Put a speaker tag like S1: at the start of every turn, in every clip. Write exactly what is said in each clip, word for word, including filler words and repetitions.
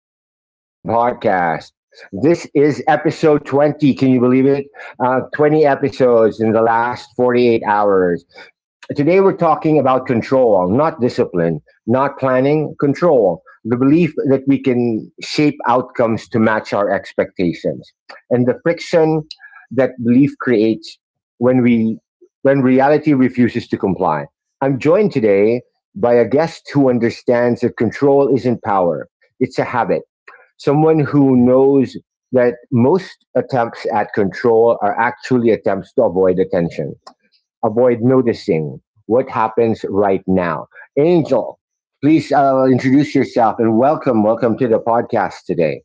S1: to the Now Zen podcast. This is episode twenty. Can you believe it? Uh, twenty episodes in the last forty-eight hours. Today we're talking about control, not discipline, not planning, control, the belief that we can shape outcomes to match our expectations, and the friction that belief creates when we when reality refuses to comply. I'm joined today by a guest who understands that control isn't power, it's a habit. Someone who knows that most attempts at control are actually attempts to avoid attention, avoid noticing what happens right now. Angel, please uh, introduce yourself and welcome, welcome to the podcast today.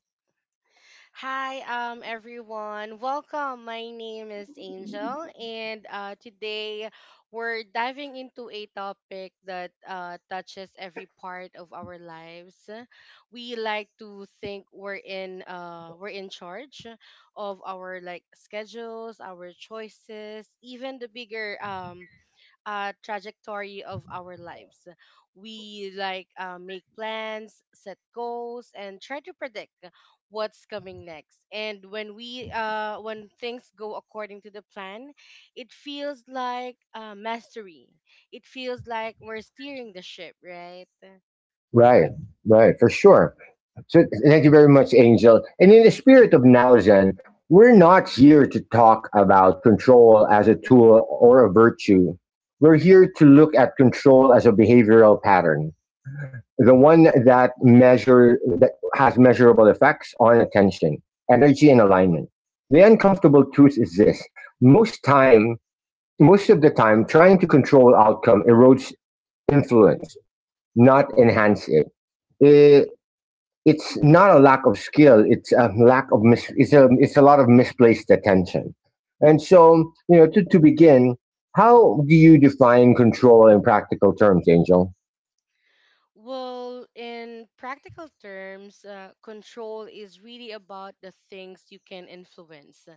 S2: Hi, um, everyone. Welcome. My name is Angel, and uh, today we're diving into a topic that uh, touches every part of our lives. We like to think we're in uh, We're in charge of our like schedules, our choices, even the bigger um, uh, trajectory of our lives. We like uh, make plans, set goals, and try to predict what's coming next. And when we uh, when things go according to the plan, it feels like uh, mastery. It feels like we're steering the ship, right?
S1: Right, right, for sure. So thank you very much, Angel. And in the spirit of Now Zen, we're not here to talk about control as a tool or a virtue. We're here to look at control as a behavioral pattern, the one that measure that has measurable effects on attention, energy, and alignment. The uncomfortable truth is this: most time most of the time, trying to control outcome erodes influence, not enhance it. It it's not a lack of skill, it's a lack of mis- it's a it's a lot of misplaced attention. And so, you know, to, to begin, how do you define control in practical terms, Angel?
S2: Well, in practical terms, uh, control is really about the things you can influence, uh,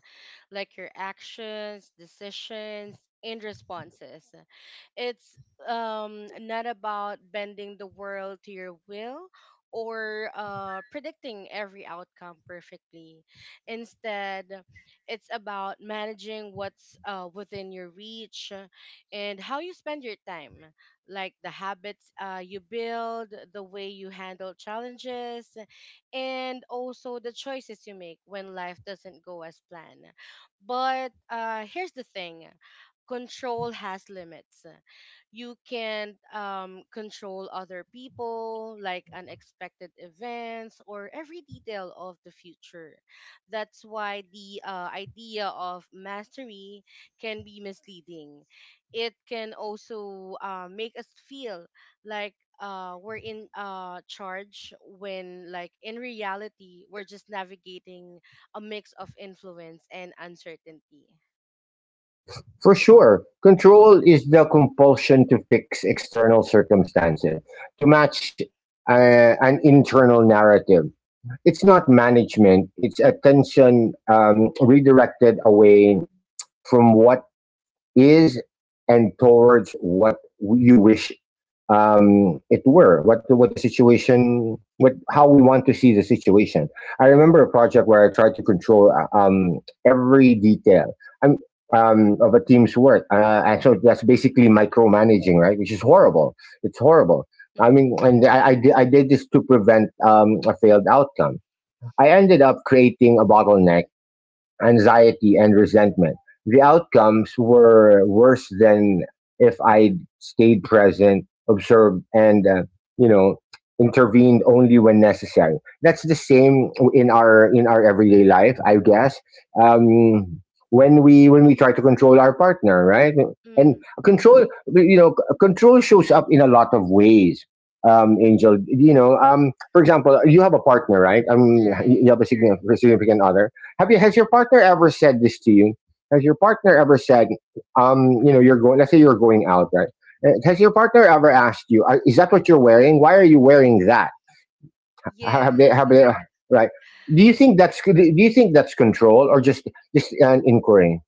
S2: like your actions, decisions, and responses. It's um, not about bending the world to your will or uh, predicting every outcome perfectly. Instead, it's about managing what's uh, within your reach uh, and how you spend your time, like the habits uh, you build, the way you handle challenges, and also the choices you make when life doesn't go as planned. But uh, here's the thing: control has limits. You can um, control other people, like unexpected events, or every detail of the future. That's why the uh, idea of mastery can be misleading. It can also uh, make us feel like uh, we're in uh, charge when like in reality we're just navigating a mix of influence and uncertainty.
S1: For sure, control is the compulsion to fix external circumstances, to match uh, an internal narrative. It's not management, it's attention um, redirected away from what is and towards what you wish um, it were, what the, what the situation, what how we want to see the situation. I remember a project where I tried to control uh, um, every detail um, um, of a team's work, uh, and so that's basically micromanaging, right? Which is horrible. It's horrible. I
S2: Mm-hmm.
S1: mean, and I, I, I did this to prevent um, a failed outcome. I ended up creating a bottleneck, anxiety, and resentment. The outcomes were worse than if I'd stayed present, observed, and, uh, you know, intervened only when necessary. That's the same in our in our everyday life, I guess. Um, when we when we try to control our partner, right? And
S2: Hmm.
S1: control, you know, control shows up in a lot of ways. Um, Angel, you know, um, for example, you have a partner, right? Um, you
S2: Right.
S1: have a significant, significant other. Have you Has your partner ever said this to you? Has your partner ever said, um, you know, you're going? Let's say you're going out, right? Uh, has your partner ever asked you, "Are- is that what you're wearing? Why are you wearing that?" Ha- Have they?
S2: Yes.
S1: Have they? Right? Do you think that's, do you think that's control or just just an inquiry?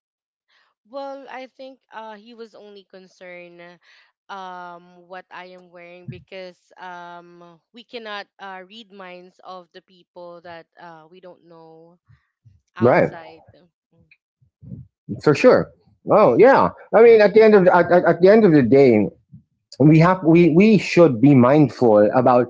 S2: Well, I think uh, he was only concerned um what I am wearing, because um we cannot uh, read minds of the people that uh, we don't know
S1: Right?
S2: outside.
S1: For sure. Oh yeah. I mean, at the end of the, at, at, at the end of the day, we have we we should be mindful about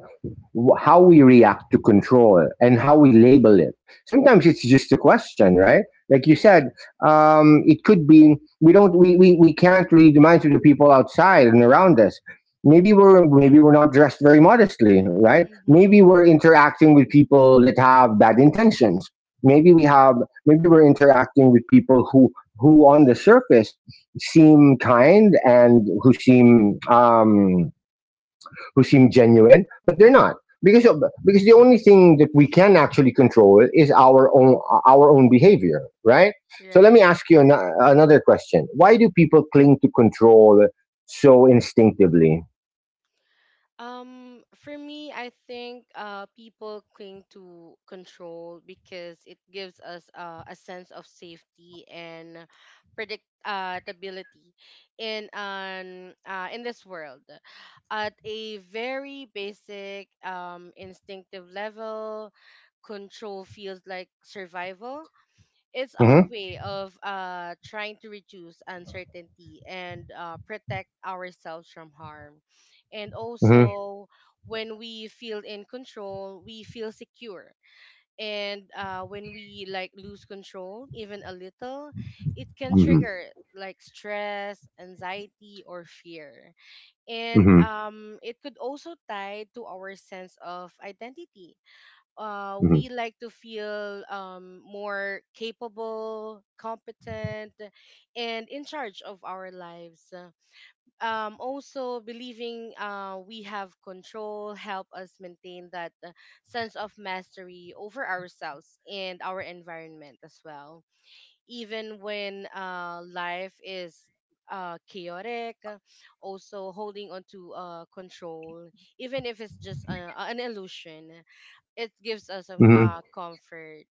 S1: how we react to control and how we label it. Sometimes it's just a question, right? Like you
S2: Mm-hmm.
S1: said, um, it could be, we don't we, we we can't read the minds of the people outside and around us. Maybe we're maybe we're not dressed very modestly, right?
S2: Mm-hmm.
S1: Maybe we're interacting with people that have bad intentions. Maybe we have Maybe we're interacting with people who, who on the surface, seem kind and who seem um, who seem genuine, but they're
S2: Mm-hmm.
S1: not, because of, because the only thing that we can actually control is our own uh, our own behavior, right? So let me
S2: Right.
S1: ask you
S2: Mm.
S1: an, uh, another question: why do people cling to control so instinctively?
S2: Um, for me, I think uh, people cling to control because it gives us uh, a sense of safety and predictability in an uh, in this world. At a very basic, um, instinctive level, control feels like survival. It's our
S1: Mm-hmm.
S2: way of uh, trying to reduce uncertainty and uh, protect ourselves from harm. And
S1: Mm-hmm.
S2: also, when we feel in control, we feel secure. And uh, when we like lose control, even a little, it can
S1: Mm-hmm.
S2: trigger like stress, anxiety, or fear. And
S1: Mm-hmm.
S2: um, it could also tie to our sense of identity. Uh,
S1: Mm-hmm.
S2: we like to feel um, more capable, competent, and in charge of our lives. Um, also, believing uh, we have control help us maintain that uh, sense of mastery over ourselves and our environment as well. Even when uh, life is uh, chaotic, uh, also holding on to uh, control, even if it's just uh an illusion, it gives us a
S1: Mm-hmm.
S2: uh, comfort.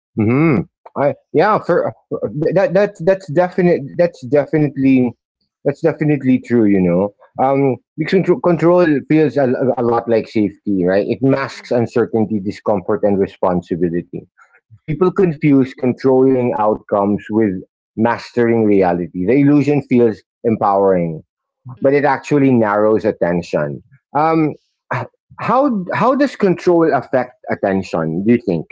S1: Hmm. I yeah. For that that's that's definite. That's definitely, that's definitely true, you know. Um, because contro- control feels a, a lot like safety, right? It masks
S2: Hmm.
S1: uncertainty, discomfort, and responsibility. People confuse controlling outcomes with mastering reality. The illusion feels empowering, but it
S2: Hmm.
S1: actually narrows attention. Um. h- How how does control affect attention, do you think?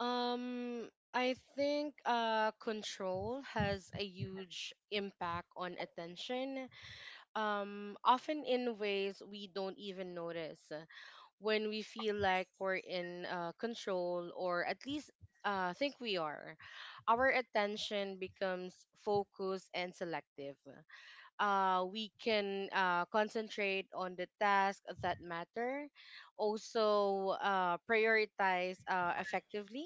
S2: Um, I think uh, control has a huge impact on attention, um, often in ways we don't even notice. When we feel like we're in uh, control, or at least uh, think we are, our attention becomes focused and selective. Uh, we can uh, concentrate on the tasks that matter, also uh, prioritize uh, effectively,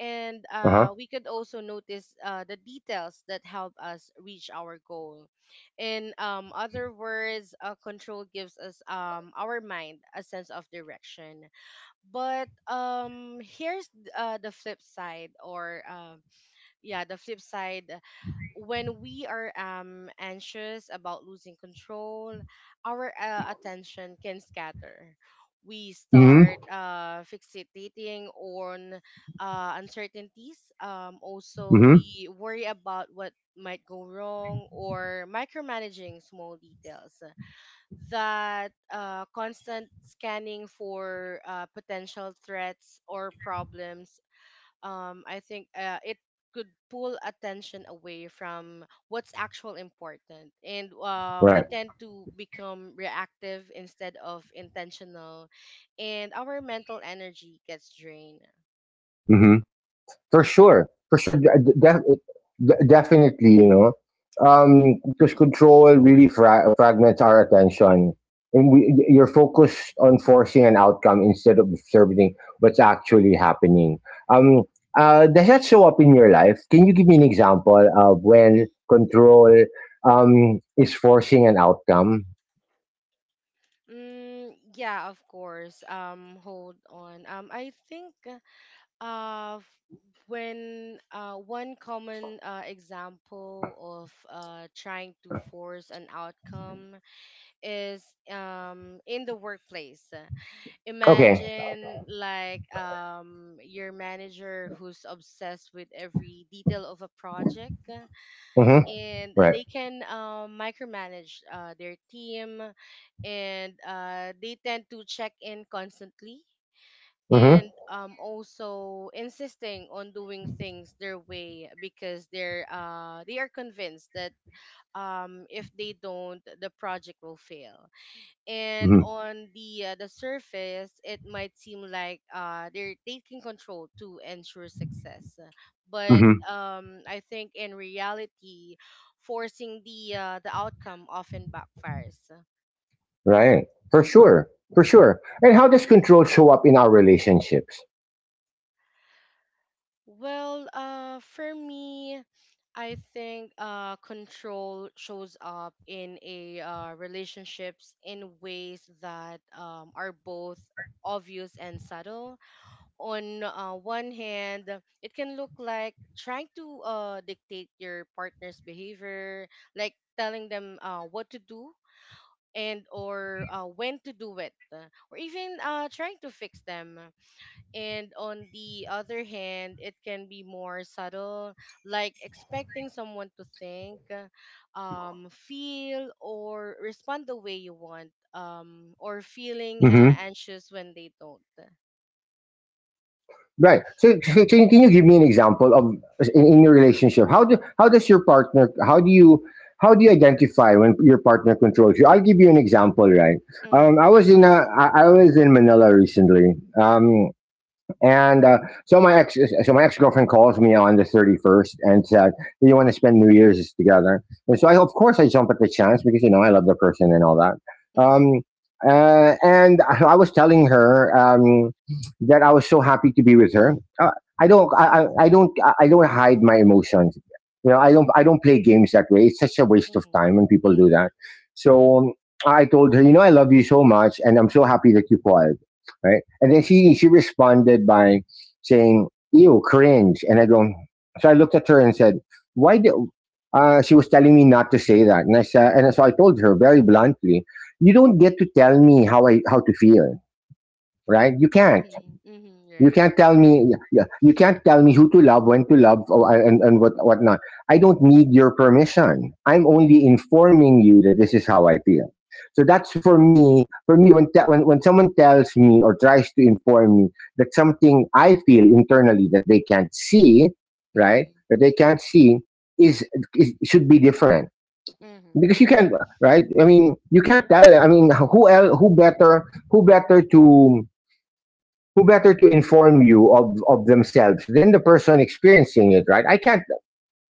S2: and
S1: Uh
S2: uh,
S1: huh.
S2: we could also notice uh, the details that help us reach our goal. In um, other words, uh, control gives us um, our mind a sense of direction. But um, here's uh, the flip side, or um yeah, the flip side: when we are um, anxious about losing control, our uh, attention can scatter. We
S1: Hmm.
S2: start uh, fixating on uh, uncertainties. Um, also, we worry about what might go wrong or micromanaging small details. That uh, constant scanning for uh, potential threats or problems, um, I think uh, it could pull attention away from what's actual important, and uh, we
S1: Right.
S2: tend to become reactive instead of intentional, and our mental energy gets drained.
S1: Hmm. For sure, for sure, de- de- de- definitely, you know, um, because control really fra- fragments our attention, and we, y- you're focused on forcing an outcome instead of observing what's actually happening. Um, uh, does that show up in your life? Can you give me an example of when control um, is forcing an outcome?
S2: Mm, yeah, of course. Um, hold on. Um, I think uh, f- when uh, one common uh, example of uh, trying to force an outcome is um, in the workplace.
S1: Okay.
S2: Imagine like um your manager who's obsessed with every detail of a project, uh,
S1: Hmm.
S2: and
S1: Right.
S2: they can um, micromanage uh, their team, and uh, they tend to check in constantly,
S1: Hmm.
S2: and um, also insisting on doing things their way, because they're uh, they are convinced that um, if they don't the project will fail. And
S1: Hmm.
S2: on the uh, the surface it might seem like uh, they're taking control to ensure success, but
S1: Hmm.
S2: um, I think in reality forcing the uh, the outcome often backfires.
S1: Right. For sure. For sure. And how does control show up in our relationships?
S2: Well, uh, for me, I think uh, control shows up in a uh, relationships in ways that um, are both obvious and subtle. On uh, one hand, it can look like trying to uh, dictate your partner's behavior, like telling them uh, what to do and or uh, when to do it, uh, or even uh, trying to fix them. And on the other hand, it can be more subtle, like expecting someone to think, uh, um, feel, or respond the way you want, um, or
S1: Hmm.
S2: feeling uh, anxious when they don't.
S1: Right. So, so can, can you give me an example of, in, in your relationship? How do how does your partner? How do you how do you identify when your partner controls you? I'll give you an example. Right.
S2: Mm-hmm.
S1: Um, I was in a I, I was in Manila recently. Um, And uh, so my ex, so my ex girlfriend calls me on the thirty first and said, "Do you want to spend New Year's together?" And so I, of course, I jump at the chance, because you know, I love the person and all that.
S2: Mm-hmm.
S1: Um, uh, and I, I was telling her, um, that I was so happy to be with her. Uh, I don't, I, I I don't, I I don't hide my emotions. You know, I don't, I don't play games that way. It's such a waste of
S2: Mhm.
S1: time when people do
S2: Mhm.
S1: that. So um, I told her, you know, I love you so much, and I'm so happy that you called, right? And then she she responded by saying, "Ew, cringe." And I go, so I looked at her and said, "Why do?" Uh, she was telling me not to say that, and I said, and so I told her very bluntly, "You don't get to tell me how I how to feel, right? You can't.
S2: Mhm. Mhm.
S1: You
S2: Right.
S1: can't tell me, yeah, yeah, you can't tell me who to love, when to love, or, and and what what not. I don't need your permission. I'm
S2: Mhm.
S1: only informing you that this is how I feel." So that's for me. For me, when te- when when someone tells me or tries to inform me that something I feel internally that they can't see, right,
S2: Mhm.
S1: that they can't see, is, is should be different,
S2: Mhm.
S1: because you can't, right? I mean, you can't tell. I mean, who else? Who better? Who better to? Who better to inform you of of themselves than the person experiencing it, right? i can't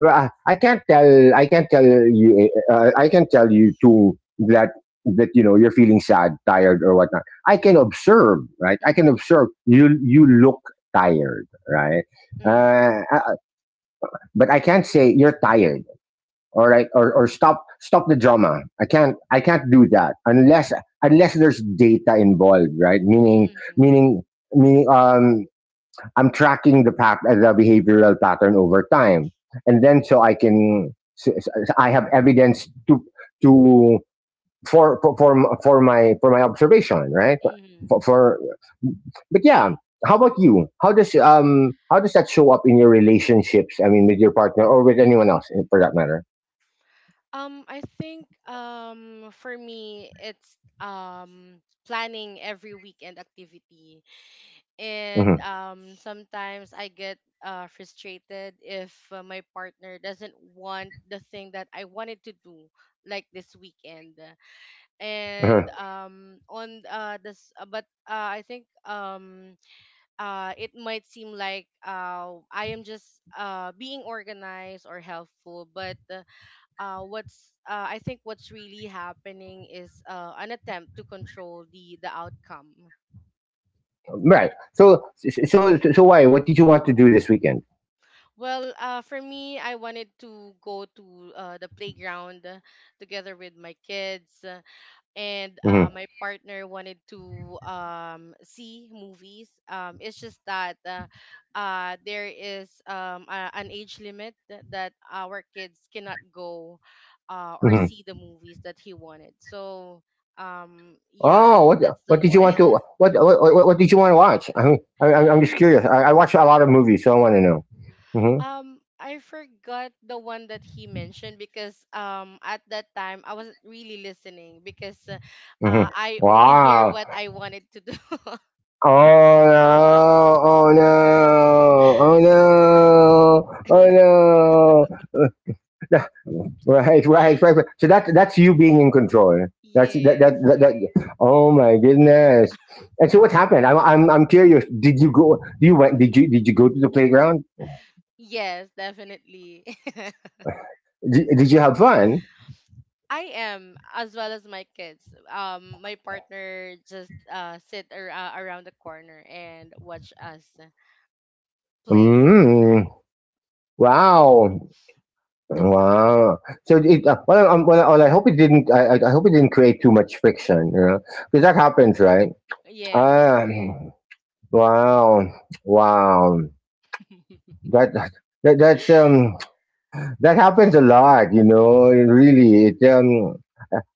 S1: uh, I can't tell, I can't tell you uh, I can tell you too that, that, you know, you're feeling sad, tired, or whatnot. I can observe, right? I can
S2: Mhm.
S1: observe you, you look tired, right?
S2: Mhm.
S1: uh, uh, but I can't say you're tired, all right? or, or stop, stop the drama. I can't, I can't do that unless, unless there's data involved, right? Meaning,
S2: Mhm.
S1: meaning, meaning, um, I'm tracking the pat- the behavioral pattern over time, and then so I can so- so I have evidence to to for for for, for my, for my observation, right?
S2: Mhm.
S1: For, for But yeah, how about you? How does um how does that show up in your relationships? I mean, with your partner or with anyone else, eh, for that matter.
S2: Um, I think um For me it's um planning every weekend activity,
S1: Hmm.
S2: and um sometimes I get uh frustrated if uh, my partner doesn't want the thing that I wanted to do, like this weekend. And um on uh this uh, but uh, I think um uh, It might seem like uh, I am just uh, being organized or helpful, but uh, uh, what's uh, I think what's really happening is uh, an attempt to control the the outcome.
S1: Right. So so so why? What did you want to do this weekend?
S2: Well, uh, for me, I wanted to go to uh, the playground uh, together with my kids. And
S1: Hmm.
S2: uh, my partner wanted to um, see movies. Um, it's just that uh, uh, there is um, a, an age limit that, that our kids cannot go uh, or see the movies that he wanted. So um
S1: Oh, what
S2: yeah,
S1: what
S2: that's
S1: did
S2: the
S1: you want
S2: one.
S1: to, what what what, what did you want to watch? I mean, I, I'm I'm just curious. I, I watch a lot of movies, so I want to know. Mm-hmm.
S2: um I forgot the one that he mentioned because um at that time I wasn't really listening because uh, uh,
S1: Mm-hmm.
S2: I only hear
S1: Wow.
S2: what I wanted to do.
S1: Oh no! Oh no! Oh no! Oh no! Yeah, right, right, right, right. So that that's you being in control. That's, that
S2: Yes.
S1: that that. that, oh my goodness! And so what happened? I'm I'm I'm curious. Did you go? You went? Did you did you go to the playground?
S2: Yes, definitely.
S1: Did, did you have fun?
S2: I am, as well as my kids. Um, my partner just uh sit ar- uh, around the corner and watch us playing.
S1: Mm. Wow, wow. So it, uh, well, um, well, well, I hope it didn't. I, I I hope it didn't create too much friction, you know, because that happens, right?
S2: Yes.
S1: Um, wow, wow. That, that that's um. That happens a lot, you know. Really, it um,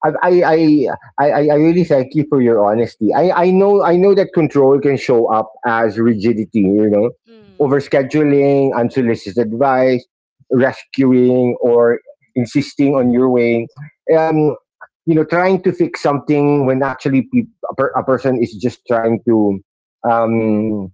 S1: I I I I I I really thank you for your honesty. I I know I know that control can show up as rigidity, you know,
S2: Mm,
S1: overscheduling, unsolicited advice, rescuing, or insisting on your way. Um, you know, trying to fix something when actually peop a, per- a person is just trying to um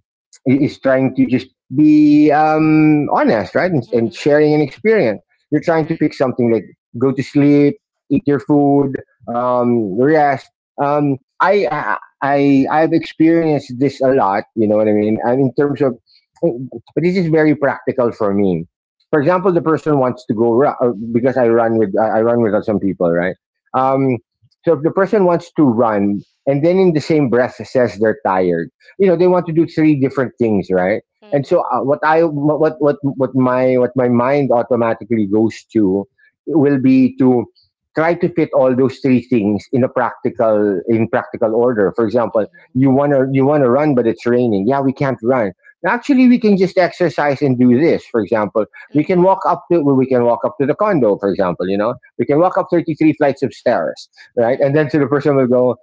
S1: I- is trying to just be, um, honest, right, and, and
S2: mm-hmm,
S1: sharing an experience, you're trying to
S2: right.
S1: fix something like go to sleep, eat your food, um, rest. Um, I, I I I've experienced this a lot. You know what I mean? And in terms of, but this is very practical for me. For example, the person wants to go ru- uh, because I run with, I I run with some people, right?
S2: Mm,
S1: Um, so if the person wants to run and then in the same breath says they're tired, you know, they want to do three different things, right? and so
S2: mm-hmm,
S1: uh, what I what what what my what my mind automatically goes to will be to try to fit all those three things in a practical in practical order. For example,
S2: mm-hmm,
S1: you want to you want to run but it's raining. Yeah, we can't run. Actually, we can just exercise and do this. For example, we can
S2: mm-hmm,
S1: walk up to well, we can walk up to the condo, for example. You know, we can walk up thirty-three flights of stairs, right? And
S2: mm-hmm,
S1: then so the person will go,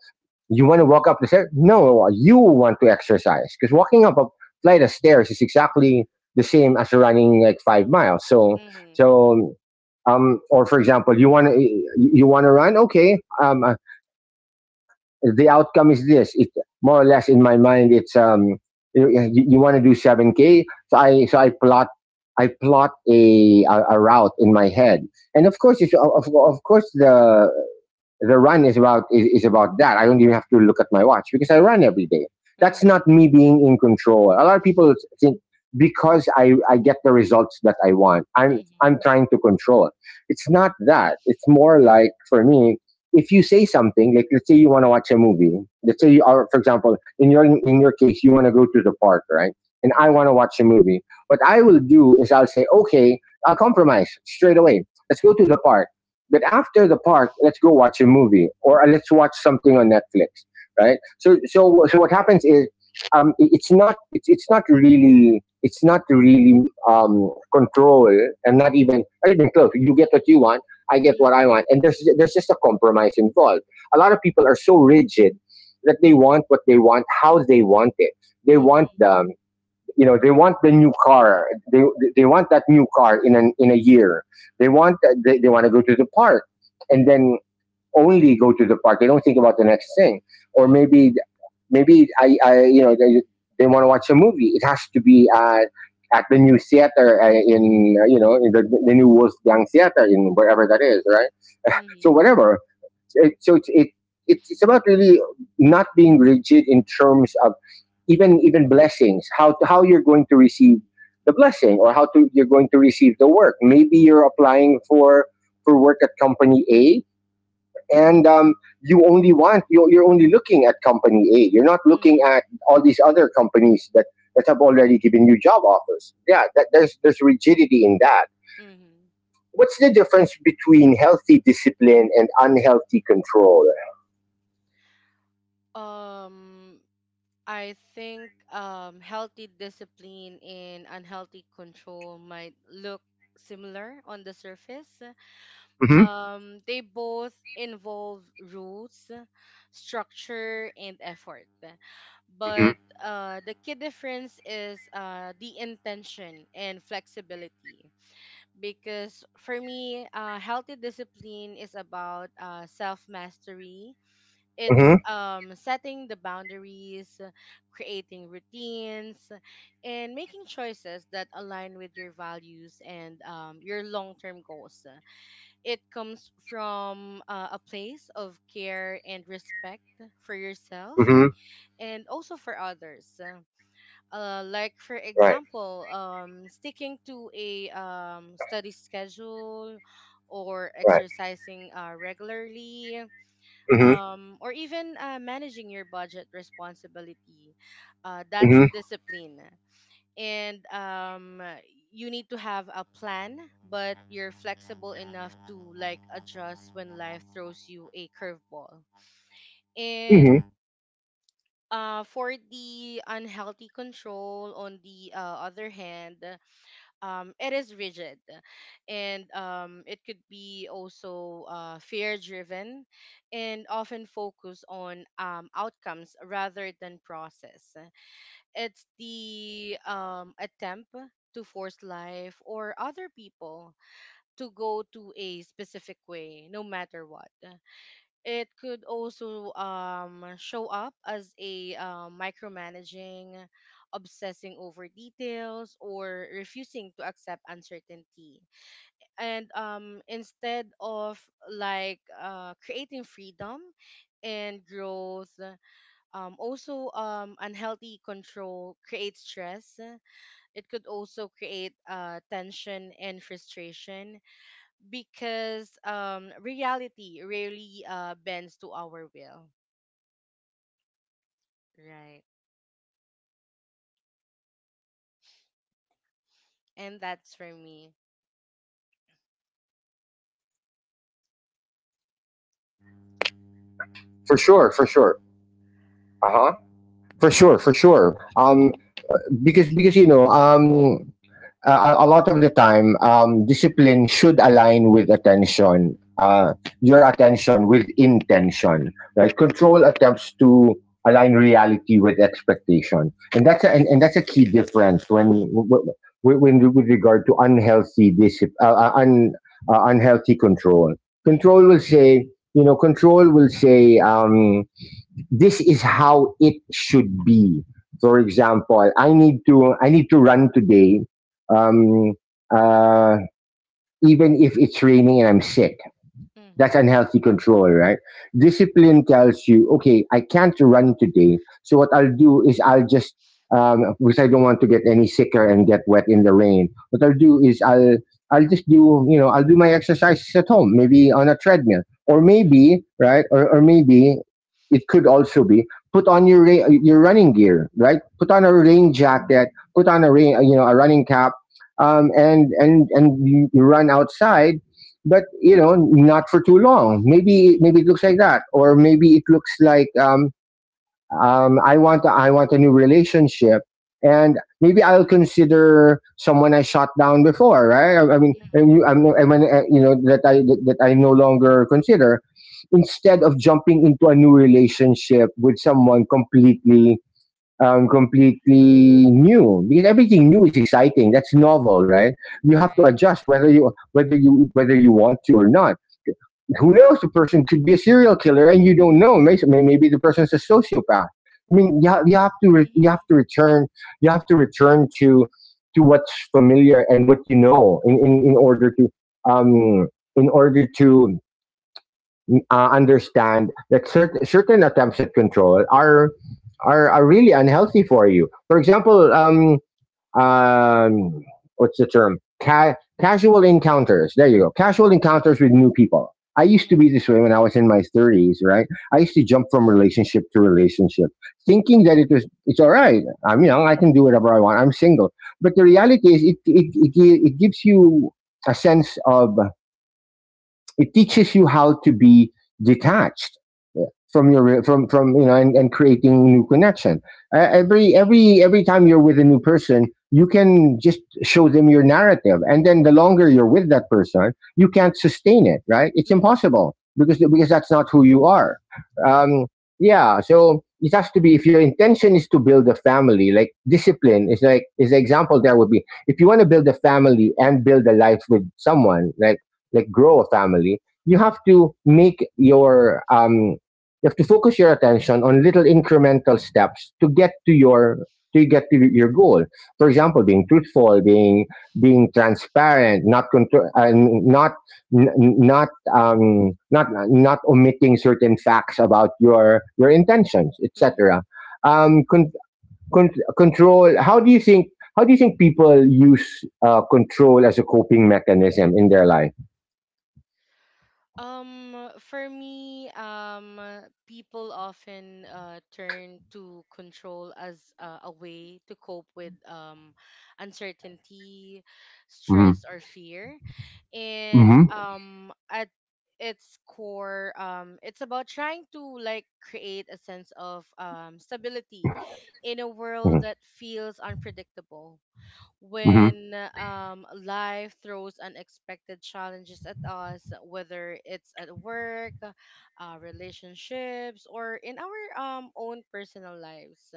S1: you want to walk up the stairs? No, you want to exercise because walking up a flight of stairs is exactly the same as running like five miles. So,
S2: mm-hmm,
S1: so, um, or for example, you want to you want to run? Okay, um, uh, the outcome is this. It More or less in my mind, it's, um, you, you want to do seven k. So I so I plot, I plot a, a a route in my head, and of course, if, of of course the the run is about, is, is about that. I don't even have to look at my watch because I run every day. That's
S2: mm-hmm,
S1: not me being in control. A lot of people think because I, I get the results that I want, I'm I'm
S2: mm-hmm,
S1: trying to control. It's not that. It's more like for me, if you say something, like let's say you want to watch a movie, let's say you are, for example, in your in your case, you want to go to the park, right? And I want
S2: mm-hmm,
S1: to watch a movie. What I will do is I'll say, okay, I'll compromise straight away. Let's go to the park, but after the park, let's go watch a movie or uh, let's watch something on Netflix, right? So so so what happens is, um, it's not it's it's not really, it's not really um, control, and not even, not even close. You get what you want, I get what
S2: mm-hmm,
S1: I want, and there's there's just a compromise involved. A lot of people are so rigid that they want what they want, how they want it. They want the, you know, they want the new car. they they want that new car in an in a year. they want they, they want to go to the park and then only go to the park. They don't think about the next thing. Or
S2: mm-hmm,
S1: maybe, maybe i, I, you know, they, they want to watch a movie. It has to be at at the new theater, uh, in uh, you know, in the, the new Wolfgang theater in wherever that is, right? So
S2: mm-hmm,
S1: whatever. So it's it, it's it's about really not being rigid in terms of, even even blessings. How how you're going to receive the blessing, or how to you're going to receive the work. Maybe you're applying for for work at company A, and um, you only want, you're, you're only looking at company A. You're not looking
S2: mm-hmm,
S1: at all these other companies that that have already given you job offers. Yeah, that, there's there's rigidity in that.
S2: mm-hmm.
S1: What's the difference between healthy discipline and unhealthy control?
S2: Um, I think um, healthy discipline and unhealthy control might look similar on the surface.
S1: Mm-hmm.
S2: Um, they both involve rules, structure, and effort.
S1: Mm-hmm.
S2: But uh, the key difference is uh, the intention and flexibility. Because for me, uh, healthy discipline is about uh, self mastery.
S1: Mm-hmm.
S2: It's um, setting the boundaries, creating routines, and making choices that align with your values and um, your long term goals. It comes from uh, a place of care and respect for yourself
S1: Mm-hmm.
S2: and also for others. Uh, like, for
S1: Right.
S2: example, um, sticking to a um, study schedule or
S1: Right.
S2: exercising uh, regularly,
S1: Mm-hmm.
S2: um, or even uh, managing your budget responsibility. Uh, that's
S1: Mm-hmm.
S2: discipline. And um, you need to have a plan, but you're flexible enough to like adjust when life throws you a curveball. And
S1: Mm-hmm.
S2: uh, for the unhealthy control, on the uh, other hand, um, it is rigid, and um, it could be also uh, fear driven, and often focus on um, outcomes rather than process. It's the um, attempt to force life or other people to go to a specific way no matter what. It could also um, show up as a uh, micromanaging, obsessing over details, or refusing to accept uncertainty. And um, instead of like uh, creating freedom and growth, um, also um, unhealthy control creates stress. It could also create uh, tension and frustration because um, reality rarely uh, bends to our will. Right. And that's for me.
S1: For sure. For
S2: And
S1: sure. Uh huh. For sure. For sure. Um, because, because you know, um, uh, a a lot of the time, um, discipline should align with attention, uh, your attention with intention, right? Control attempts to align reality with expectation, and that's a, and, and that's a key difference when, when, when with regard to unhealthy discipline, uh, uh, un, uh, unhealthy control. Control
S2: mhm.
S1: will say, you know, control will say. Um, this is how it should be. For example, I need to I need to run today, um, uh, even if it's raining and I'm sick. That's
S2: Mhm.
S1: unhealthy control, right? Discipline tells you, okay, I can't run today. So what I'll do is I'll just, um, because I don't want to get any sicker and get wet in the rain. What I'll do is I'll, I'll just do, you know, I'll do my exercises at home, maybe on a treadmill, or
S2: Mhm.
S1: maybe, right, or, or maybe it could also be, put on your ra- your running gear, right? Put on a rain jacket, put on a rain, you know, a running cap, um, and and and you, you run outside, but you know, not for too long.
S2: Mhm.
S1: Maybe, maybe it looks like that. Or maybe it looks like, um, um, i want a, I want a new relationship, and maybe I'll consider someone I shot down before, right? i, I mean, and
S2: Mhm.
S1: you, I'm, I mean, uh, you know, that I, that i no longer consider, instead of jumping into a new relationship with someone completely, um, completely new, because
S2: Mhm.
S1: everything new is exciting. That's novel, right? You have to
S2: Right.
S1: adjust, whether you, whether you whether you want to or not. Who knows, the person could be a serial killer and you don't know. Maybe, maybe the person's a sociopath. I mean you, you have to, you
S2: Mhm.
S1: have to return you have to, return to to what's familiar and what you know, in in, in order to, um in order to uh, understand that certain, certain attempts at control are, are are really unhealthy for you. For example, um um, what's the term? Ca- casual encounters. There you go. Casual encounters with new people. I used to
S2: Mhm.
S1: be this way when I was in my thirties, right? I used to jump from relationship to relationship, thinking that it was it's all right. I'm young, I
S2: Mhm.
S1: can do whatever I want. I'm single, but the reality is, it it it, it gives you a sense of, it teaches you how to be detached, yeah, from your, from from, you know, and, and creating new connection uh, every, every every time you're with a new person. You can just show them your narrative, and then the longer you're with that person, you can't sustain it, right? It's
S2: Mhm.
S1: impossible, because because that's not who you are. Um yeah, so it has to be, if your intention is to build a family, like discipline is like, is the example there would be, if you want to build a family and build a life with someone, like like grow a family, you have to make your, um you have to focus your attention on little incremental steps to get to your, to get to your goal. For
S2: Mhm.
S1: example, being truthful, being, being transparent, not contro- uh, not, n- n- not um, not not omitting certain facts about your your intentions,
S2: Mhm.
S1: et cetera. Um, con- con- Control. How do you think? How do you think people use uh, control as a coping mechanism in their life?
S2: Um, for me, um, people often uh, turn to control as uh, a way to cope with um, uncertainty, stress, or fear. and
S1: Mhm.
S2: um at its core um it's about trying to like create a sense of um stability in a world
S1: Mhm.
S2: that feels unpredictable
S1: Mhm.
S2: when um life throws unexpected challenges at us, whether it's at work, uh, relationships, or in our um own personal lives.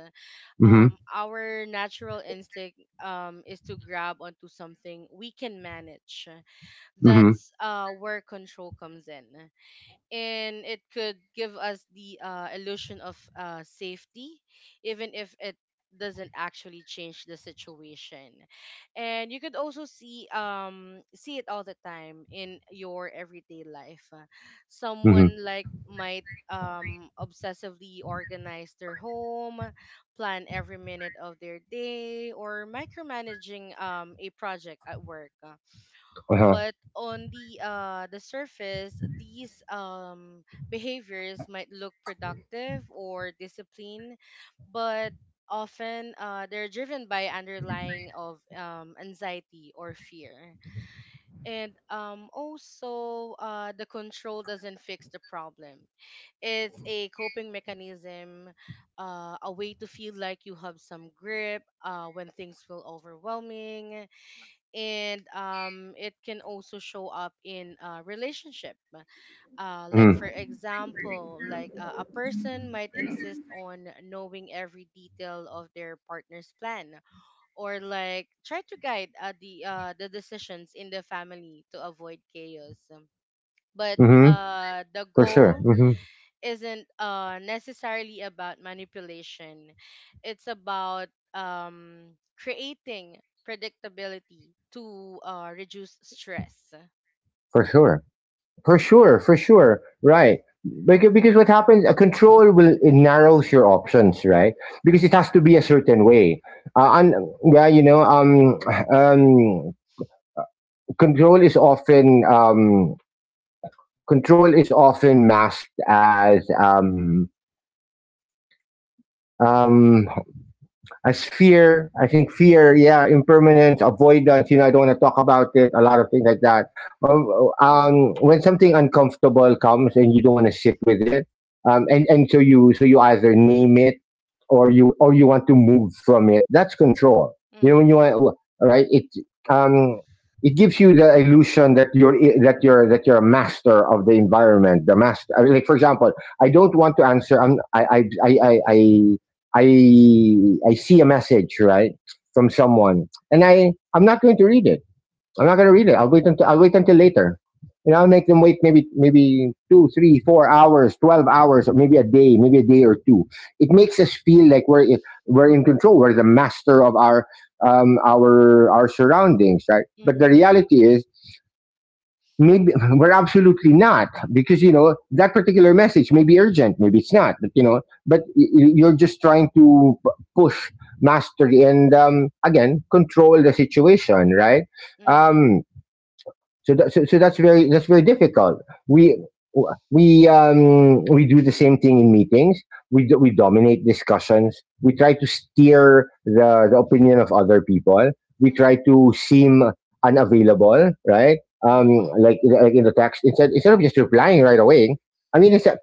S1: Mhm.
S2: um Our natural instinct um is to grab onto something we can manage.
S1: Mhm.
S2: That's uh, where control comes in, and it could give us the uh, illusion of uh, safety, even if it doesn't actually change the situation. And you could also see um see it all the time in your everyday life. Uh,
S1: Mhm.
S2: someone like might um obsessively organize their home, plan every minute of their day, or micromanaging um a project at work.
S1: Uh-huh.
S2: But on the uh the surface, these um behaviors might look productive or disciplined, but often uh, they're driven by underlying of um, anxiety or fear. And um, also, uh, the control doesn't fix the problem. It's a coping mechanism, uh, a way to feel like you have some grip uh, when things feel overwhelming. And um, it can also show up in a relationship, uh, like for
S1: Mhm.
S2: example like uh, a person might insist on knowing every detail of their partner's plan, or like try to guide uh, the uh, the decisions in the family to avoid chaos. But
S1: Mhm.
S2: uh, the
S1: For sure.
S2: goal
S1: Mhm.
S2: isn't uh, necessarily about manipulation. It's about um, creating predictability to uh, reduce stress.
S1: For sure. For
S2: Right.
S1: sure. For sure. Right. Because, because what happens, a control will, it narrows your options, right? Because it
S2: Mm-hmm.
S1: has to be a certain way. Uh, and yeah, you know, um, um, control is often, um, control is often masked as, um, um, as fear. I think fear, yeah, impermanence, avoidance. You know, I don't want to talk about it. A lot of things like that. Um,
S2: Mm-hmm.
S1: um, when something uncomfortable comes and you don't want to sit with it, um, and and so you so you either name it, or you or you want to move from it. That's control. You know,
S2: Mm-hmm.
S1: when you want, right, it um, it gives you the illusion that you're i- that you're, that you're a master of the environment. The master, I mean, like for example, I don't want to answer. I'm, I, I I I I I I see a message, right, from someone, and I I'm not going to read it. I'm not going to read it. I'll wait until I'll wait until later, and I'll make them wait, maybe, maybe two, three, four hours, twelve hours, or maybe a day, maybe a day or two. It makes us feel like we're in- we're in control. We're the master of our, um, our our surroundings, right? But the
S2: Mm-hmm.
S1: reality is, maybe we're absolutely not, because you know that particular message may be urgent, maybe it's not. But you know, but y- y- you're just trying to p- push mastery and, um, again, control the situation, right?
S2: Mm-hmm.
S1: um, so, that, so, so that's very, that's very difficult. We we um, we do the same thing in meetings. We do, we dominate discussions. We try to steer the, the opinion of other people. We try
S2: Mm-hmm.
S1: to seem unavailable, right? Um,
S2: Mm-hmm.
S1: like, like in the text, instead, instead of just replying right away. I mean, it's a,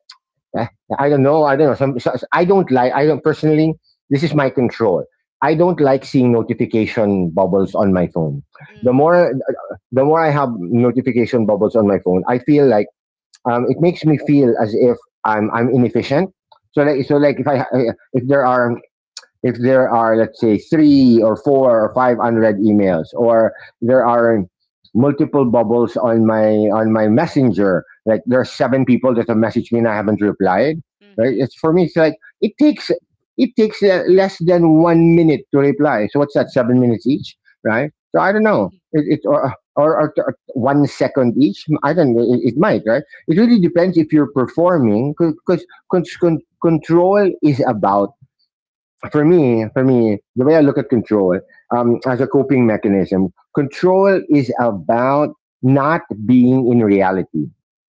S1: eh, I don't know. I don't know. Some, so- I don't like. I don't personally. This is my control. I don't like seeing notification bubbles on my phone. The
S2: Mm-hmm.
S1: more the more I have notification bubbles on my phone, I feel like um, it makes me feel as if I'm I'm inefficient. So like so
S2: Mm-hmm.
S1: like if I if there are if there are let's say, three or four or five unread emails, or there are multiple bubbles on my on my messenger, like there are seven people that have messaged me and I haven't replied. Right?
S2: Mm-hmm.
S1: It's for me. It's like it takes it takes uh, less than one minute to reply. So what's that? Seven minutes each, right? So I don't know. It, it or, or, or or one second each. I don't know. It, it might, right? It really depends if you're performing, because control is about for me, for me, the way I look at control um, as a coping mechanism, control is about not being in reality,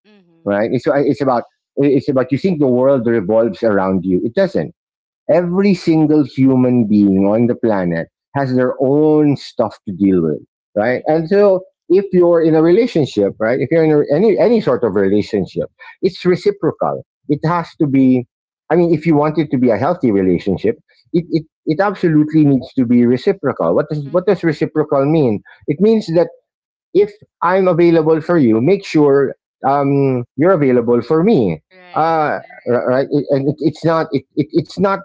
S2: Mm-hmm.
S1: right? It's, uh, it's about it's about you think the world revolves around you. It doesn't. Every single human being on the planet has their own stuff to deal with, right?
S2: Mm-hmm.
S1: And so if you're in a relationship, right? If you're in a, any any sort of relationship, it's reciprocal. It has to be. I mean, if you want it to be a healthy relationship, it, it, it absolutely needs to be reciprocal. What does what
S2: Mm-hmm.
S1: does reciprocal mean? It means that if I'm available for you, make sure um, you're available for me.
S2: Right.
S1: Uh, r- right? It- and it, it's not it, it, it's not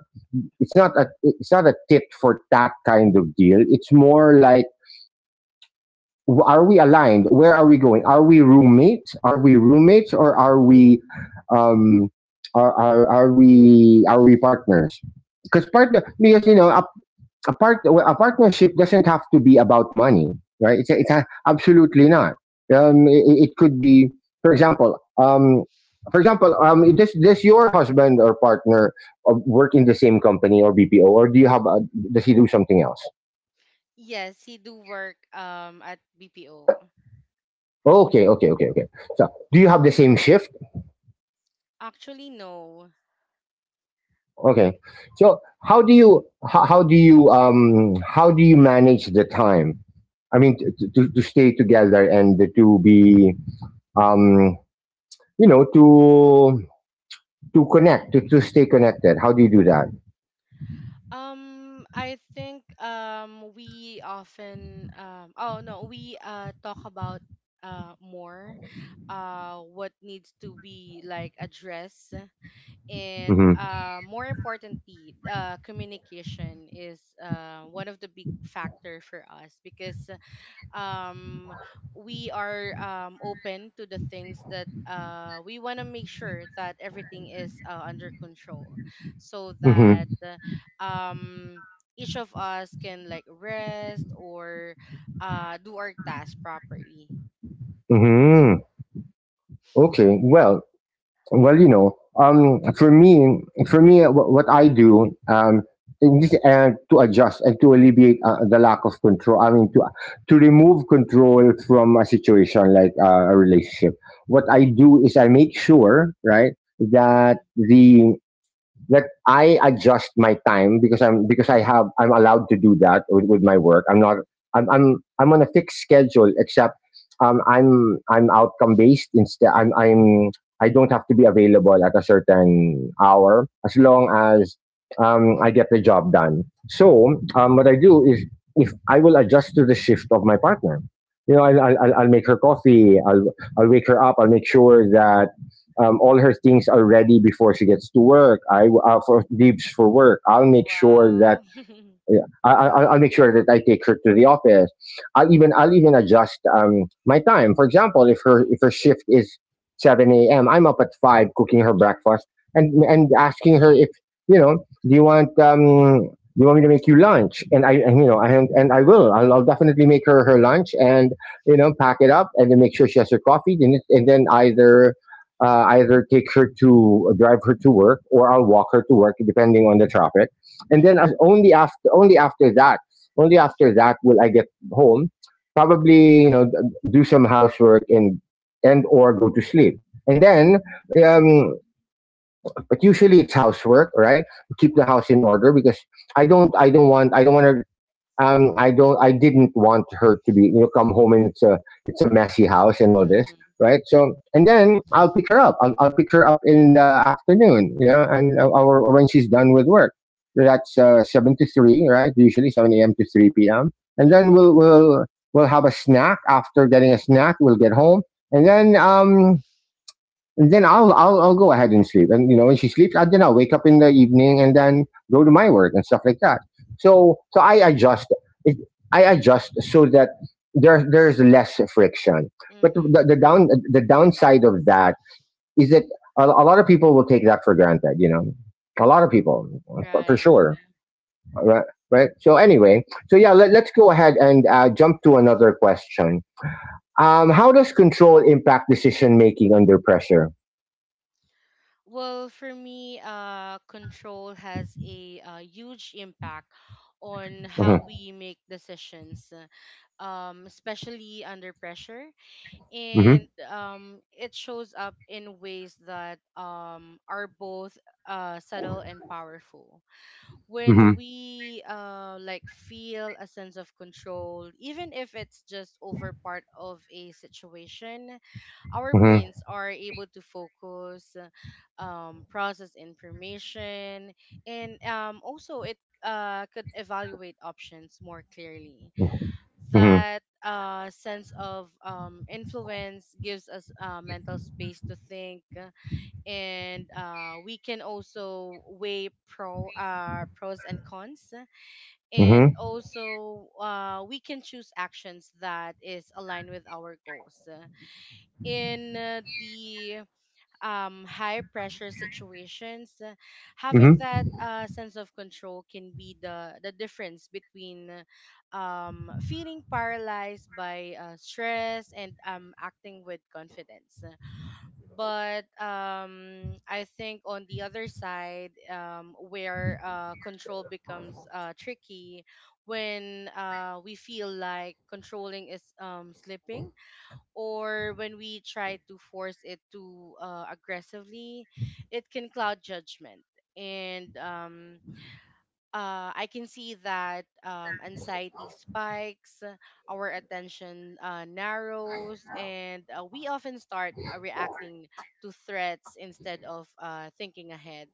S1: it's not a it's not a tit for tat kind of deal. It's more like are we aligned? Where are we going? Are we roommates? Are we roommates or are we um are are, are we are we partners? Because partner because you know a part well, a partnership doesn't have to be about money, right? It's, it's a, absolutely not. Um,
S2: Mhm.
S1: it, it could be, for example, um, for example, um, does does your husband or partner uh, work in the same company or B P O, or do you have a, does he do something else?
S2: Yes, he do work um at B P O.
S1: Okay, okay, okay, okay. So, do you have the same shift?
S2: Actually, no.
S1: Okay. So, how do you how, how do you um how do you manage the time? I mean, to, to, to stay together and to be um you know to to connect to, to stay connected. How do you do that?
S2: Um, I think um we often um oh no, we uh talk about uh more, uh what needs to be like addressed, and
S1: Mm-hmm.
S2: uh more importantly, uh communication is uh one of the big factor for us, because um we are um open to the things that uh we want to make sure that everything is uh, under control, so
S1: Mm-hmm.
S2: that uh, um each of us can like rest or uh do our task properly.
S1: Mm-hmm. Okay, well, well you know, um for me, for me what, what I do um and just, uh, to adjust and to alleviate uh, the lack of control, I mean to to remove control from a situation like uh, a relationship, what I do is I make sure, right, that
S2: Mm-hmm.
S1: the that I adjust my time because I'm because I have I'm allowed to do that with, with my work. I'm not I'm I'm I'm on a fixed schedule, except um I'm I'm outcome based instead. I'm I'm I don't have to be available at a certain hour as long
S2: Mm-hmm.
S1: as um I get the job done. So um what I do is if I will adjust to the shift of my partner. You know, I'll, I'll, I'll I'll make her coffee. I'll, I'll wake her up. I'll make sure that um, all her things are ready before she gets to work. I uh, for leaves for work. I'll make sure that
S2: Wow. Mhm. Wow.
S1: yeah, I, I, I'll make sure that I take her to the office. I'll even I'll even adjust um, my time. For example, if her if her shift is seven a m, I'm up at five cooking her breakfast and and asking her if you know, do you want um do you want me to make you lunch? And I and, you know I and I will, I'll, I'll definitely make her her lunch and you know, pack it up and then make sure she has her coffee, and it- and then either. Uh, either take her to drive her to work or I'll walk her to work depending on the traffic. And
S2: Mhm.
S1: then as only after only after that only after that will I get home, probably you know, d- do some housework and and or go to sleep. And then um but usually it's housework, right? Keep the house in order because I don't I don't want I don't want to um, I don't, I didn't want her to, be, you know, come home and it's a, it's a messy house and all this,
S2: Mhm.
S1: right? So, and then I'll pick her up. I'll, I'll pick her up in the afternoon, you know, and uh, or, or when she's done with work. So that's uh, seven to three, right? Usually seven a m to three p.m. And then
S2: Mhm.
S1: we'll we'll we'll have a snack. After getting a snack, we'll get home, and then um, and then I'll I'll I'll go ahead and sleep. And you know, when she sleeps, I then I'll wake up in the evening and then go to my work and stuff like that. So so I adjust it, I adjust so that there there's less friction. But
S2: Mhm.
S1: the, the down the downside of that is that a, a lot of people will take that for granted. You know, a lot of people, for, for
S2: Right.
S1: sure. Right. Right. So anyway, so yeah, let, let's go ahead and uh, jump to another question. Um, how does control impact decision making under pressure?
S2: Well, for me, uh, control has a, uh huge impact on
S1: Mhm.
S2: how we make decisions, uh, um, especially under pressure. And um, it shows up in ways that um, are both uh, subtle and powerful
S1: Mm-hmm.
S2: when we uh like feel a sense of control, even if it's just over part of a situation. Our
S1: Mm-hmm.
S2: brains are able to focus, uh, um process information, and um also it uh could evaluate options more clearly.
S1: Mm-hmm. Mm-hmm.
S2: That uh sense of um influence gives us uh, mental space to think, and uh, we can also weigh pro uh, pros and cons, and
S1: Mm-hmm.
S2: also uh, we can choose actions that is aligned with our goals. In uh, the um, high pressure situations, uh, having
S1: Mm-hmm.
S2: that uh, sense of control can be the, the difference between um, feeling paralyzed by uh, stress and um, acting with confidence. But um, I think on the other side, um, where uh, control becomes uh, tricky, when uh, we feel like controlling is um, slipping, or when we try to force it too uh, aggressively, it can cloud judgment. And um, uh, I can see that um, anxiety spikes, uh, our attention uh, narrows, and uh, we often start uh, reacting to threats instead of uh, thinking ahead.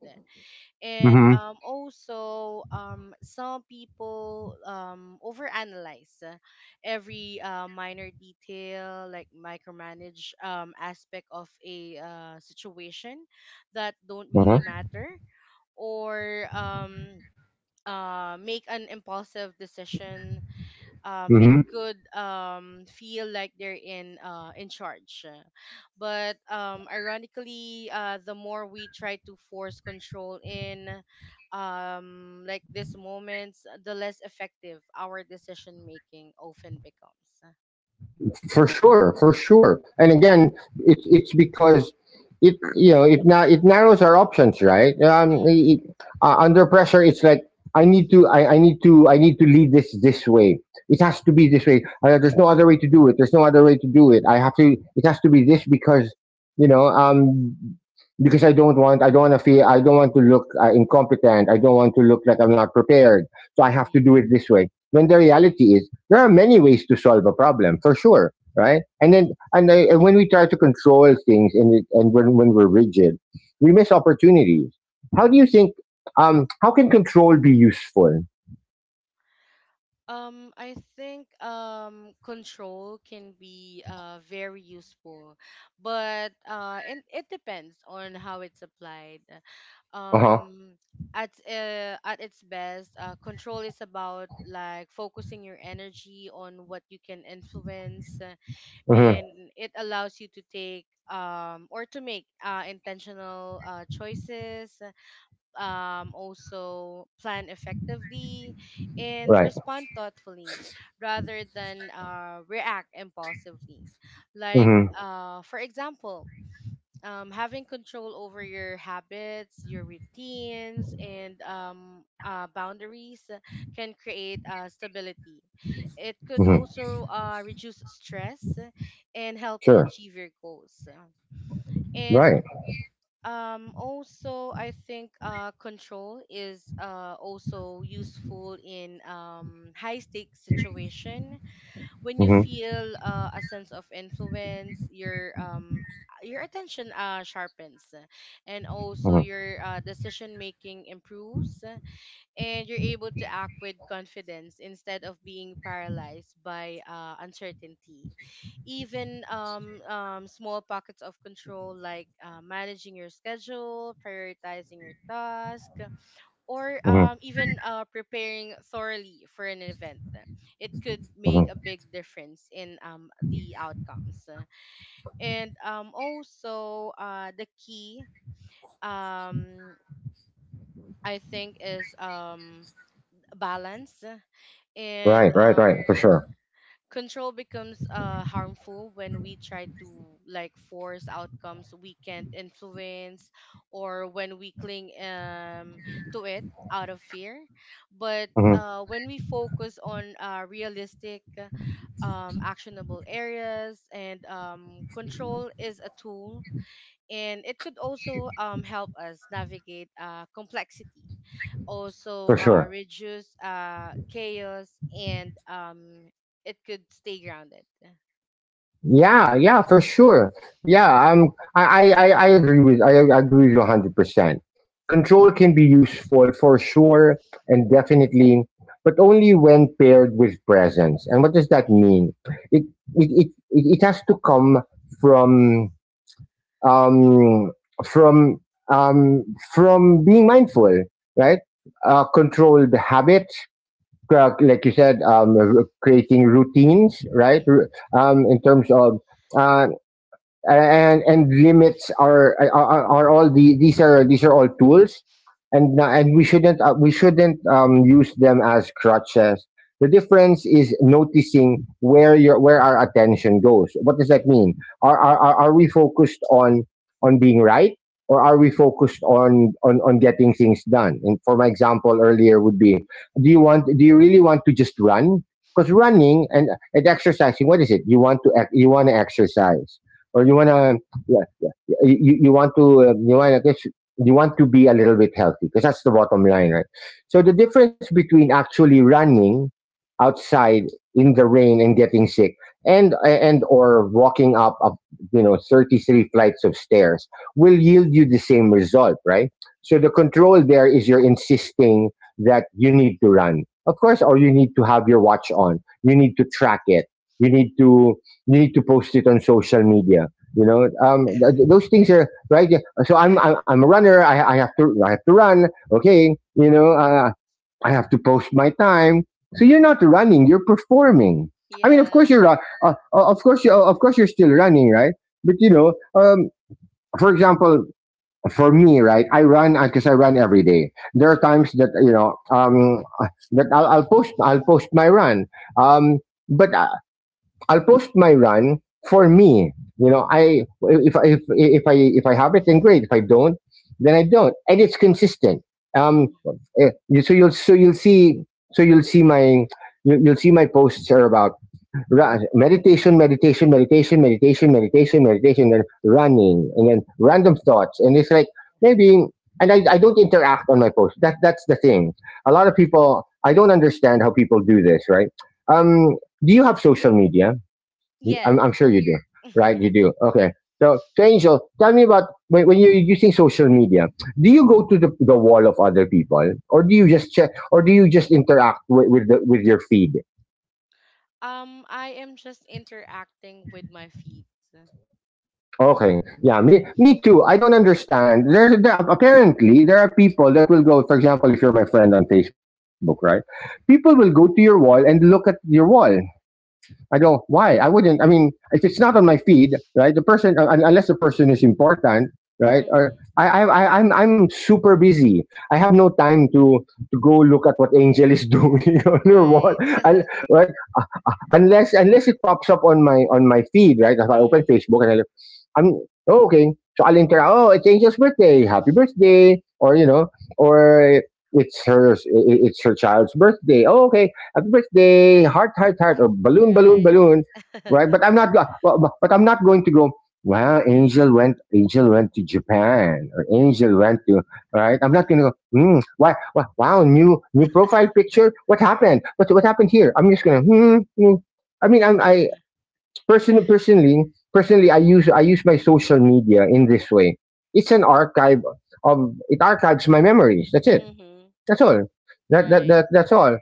S2: And um, also, um, some people um, overanalyze uh, every uh, minor detail, like micromanage um, aspect of a uh, situation that don't really
S1: Mm-hmm.
S2: matter. Or um, uh, make an impulsive decision. Um, it
S1: Mm-hmm.
S2: could um, feel like they're in uh, in charge. But um, ironically, uh, the more we try to force control in um, like these moments, the less effective our decision making often becomes.
S1: For sure, for sure. And again, it's it's because it you know, it now it narrows our options, right? Um,
S2: Mm-hmm.
S1: it, uh, under pressure, it's like I need to I, I need to I need to lead this this way. It has to be this way. Uh, there's no other way to do it. There's no other way to do it. I have to. It has to be this because you know um because I don't want I don't want to feel I don't want to look uh, incompetent. I don't want to look like I'm not prepared. So I have to do it this way. When the reality is there are many ways to solve a problem, for sure, right? And then and, I, and when we try to control things, and it- and when when we're rigid, we miss opportunities. How do you think? Um, how can control be useful?
S2: Um, I think um control can be uh very useful, but uh and it depends on how it's applied.
S1: Uh huh.
S2: Um, at uh, at its best, uh, control is about like focusing your energy on what you can influence, uh,
S1: Mm-hmm.
S2: and it allows you to take um or to make uh intentional uh choices, um, also plan effectively and
S1: Right.
S2: respond thoughtfully rather than uh, react impulsively. Like,
S1: Mm-hmm.
S2: uh, for example, um, having control over your habits, your routines, and um, uh, boundaries can create uh, stability. It could
S1: Mm-hmm.
S2: also uh, reduce stress and help you
S1: Sure.
S2: achieve your goals. And
S1: Right.
S2: um, also, I think uh, control is uh, also useful in um, high stakes situation when you
S1: Mm-hmm.
S2: feel uh, a sense of influence. Your um, your attention uh, sharpens, and also
S1: Mm-hmm.
S2: your uh, decision making improves, and you're able to act with confidence instead of being paralyzed by uh, uncertainty. Even um, um, small pockets of control, like uh, managing your schedule, prioritizing your task, or um,
S1: Mm-hmm.
S2: even uh, preparing thoroughly for an event, it could make a
S1: Mm-hmm.
S2: big difference in um, the outcomes. And um, also, uh, the key, um, I think, is um, balance, and
S1: Right. Right.
S2: um
S1: Right. For sure.
S2: control becomes uh harmful when we try to like force outcomes we can't influence, or when we cling um to it out of fear, but
S1: Mm-hmm.
S2: uh when we focus on uh realistic, um actionable areas, and um control is a tool, and it could also um, help us navigate uh, complexity, also
S1: For
S2: uh,
S1: sure.
S2: reduce uh, chaos, and um, it could stay grounded.
S1: Yeah, yeah, for sure. Yeah, um, I, I, I I agree with I agree with you hundred percent. Control can be useful for sure and definitely, but only when paired with presence. And what does that
S2: Mhm.
S1: mean? It it it, it it has to come from um from um from being mindful, right? Uh, controlled habits, uh, like you said, um, r- creating routines, right? R-
S2: Mhm.
S1: Um, in terms of uh, and and limits are are, are all the these are these are all tools. And na- and we shouldn't uh, we shouldn't um, use them as crutches. The difference is noticing where your where our attention goes. What does that
S2: Mhm.
S1: mean? Are are, are are we focused on on being right, or are we focused on, on on getting things done? And for my example earlier would be, do you want do you really want to just run? Because running and, and exercising, what is it? You want to ec- you want to exercise, or you
S2: Mhm.
S1: wanna yeah yeah, yeah. You, you want to um, you wanna guess you want to be a little bit healthy because that's the bottom line, right? So the difference between actually running outside in the rain and getting sick, and and or walking up, up you know, thirty-three flights of stairs will yield you the same result, right? So the
S2: Mhm.
S1: control there is you're insisting that you need to run, of course, or you need to have your watch on, you need to track it, you need to you need to post it on social media. You know, um, th- those things are right. Yeah, so I'm I'm, I'm a runner. I, I have to I have to run. Okay, you know, uh, I have to post my time. So you're not running. You're performing. I mean, of
S2: Yeah.
S1: course you're uh, uh, of course you of course you're still running, right? But you know, um, for example, for me, right, I run because I run every day. There are times
S2: Mhm.
S1: that you know um, that I'll, I'll post I'll post my run. Um, but I, I'll post my run for me. You know, I if I if if I if I have it, then great. If I don't, then I don't, and it's consistent. Um,
S2: Mhm.
S1: eh, so you'll so you'll see so you'll see my you- you'll see my posts are about ra- meditation, meditation, meditation, meditation, meditation, meditation, and running, and then random thoughts, and it's like maybe. And I, I don't interact on my post. That that's the thing. A lot of
S2: Mhm.
S1: people, I don't understand how people do this, right? Um, do you have social media? I'm,
S2: Yes.
S1: I'm sure you do, right? You do. Okay. So, so Angel, tell me about when, when you're using social media. Do you go to the, the wall of other people, or do you just check, or do you just interact with with, the, with your feed?
S2: um I am just interacting with my feet.
S1: Okay, yeah, me, me too. I don't understand. There's there, apparently there are people that will go. For example, if you're my friend on Facebook, right? People will go to your wall and look at your wall. I go, why? I wouldn't. I mean, if it's not on my feed, right? The person, uh, un- unless the person is important, right? Or
S2: Mhm.
S1: I, I, I, I'm, I'm super busy. I have no time to to go look at what Angel is doing on your wall,
S2: Right.
S1: and right? unless unless it pops up on my on my feed, right? If I open
S2: Mhm.
S1: Facebook and I look, I'm oh, okay. So I'll enter. Oh, it's Angel's birthday. Happy birthday! Or you know, or it's her i- it's her child's birthday. Oh, okay. Happy birthday! Heart, heart, heart, or balloon, balloon,
S2: Right.
S1: balloon. Right? But I'm not. go- But, but but I'm not going to go. Wow, Angel went. Angel went to Japan, or
S2: Wha-
S1: Angel went to. Right? I'm not going to go. Hmm, why, why, wow, new new profile picture. What happened? What what happened here? I'm just gonna. Hmm, hmm. I mean, I'm, I person, personally Personally, I use I use my social media in this way. It's an archive of, it archives my memories. That's it.
S2: Mhm.
S1: That's all. That that,
S2: Right.
S1: that that's all.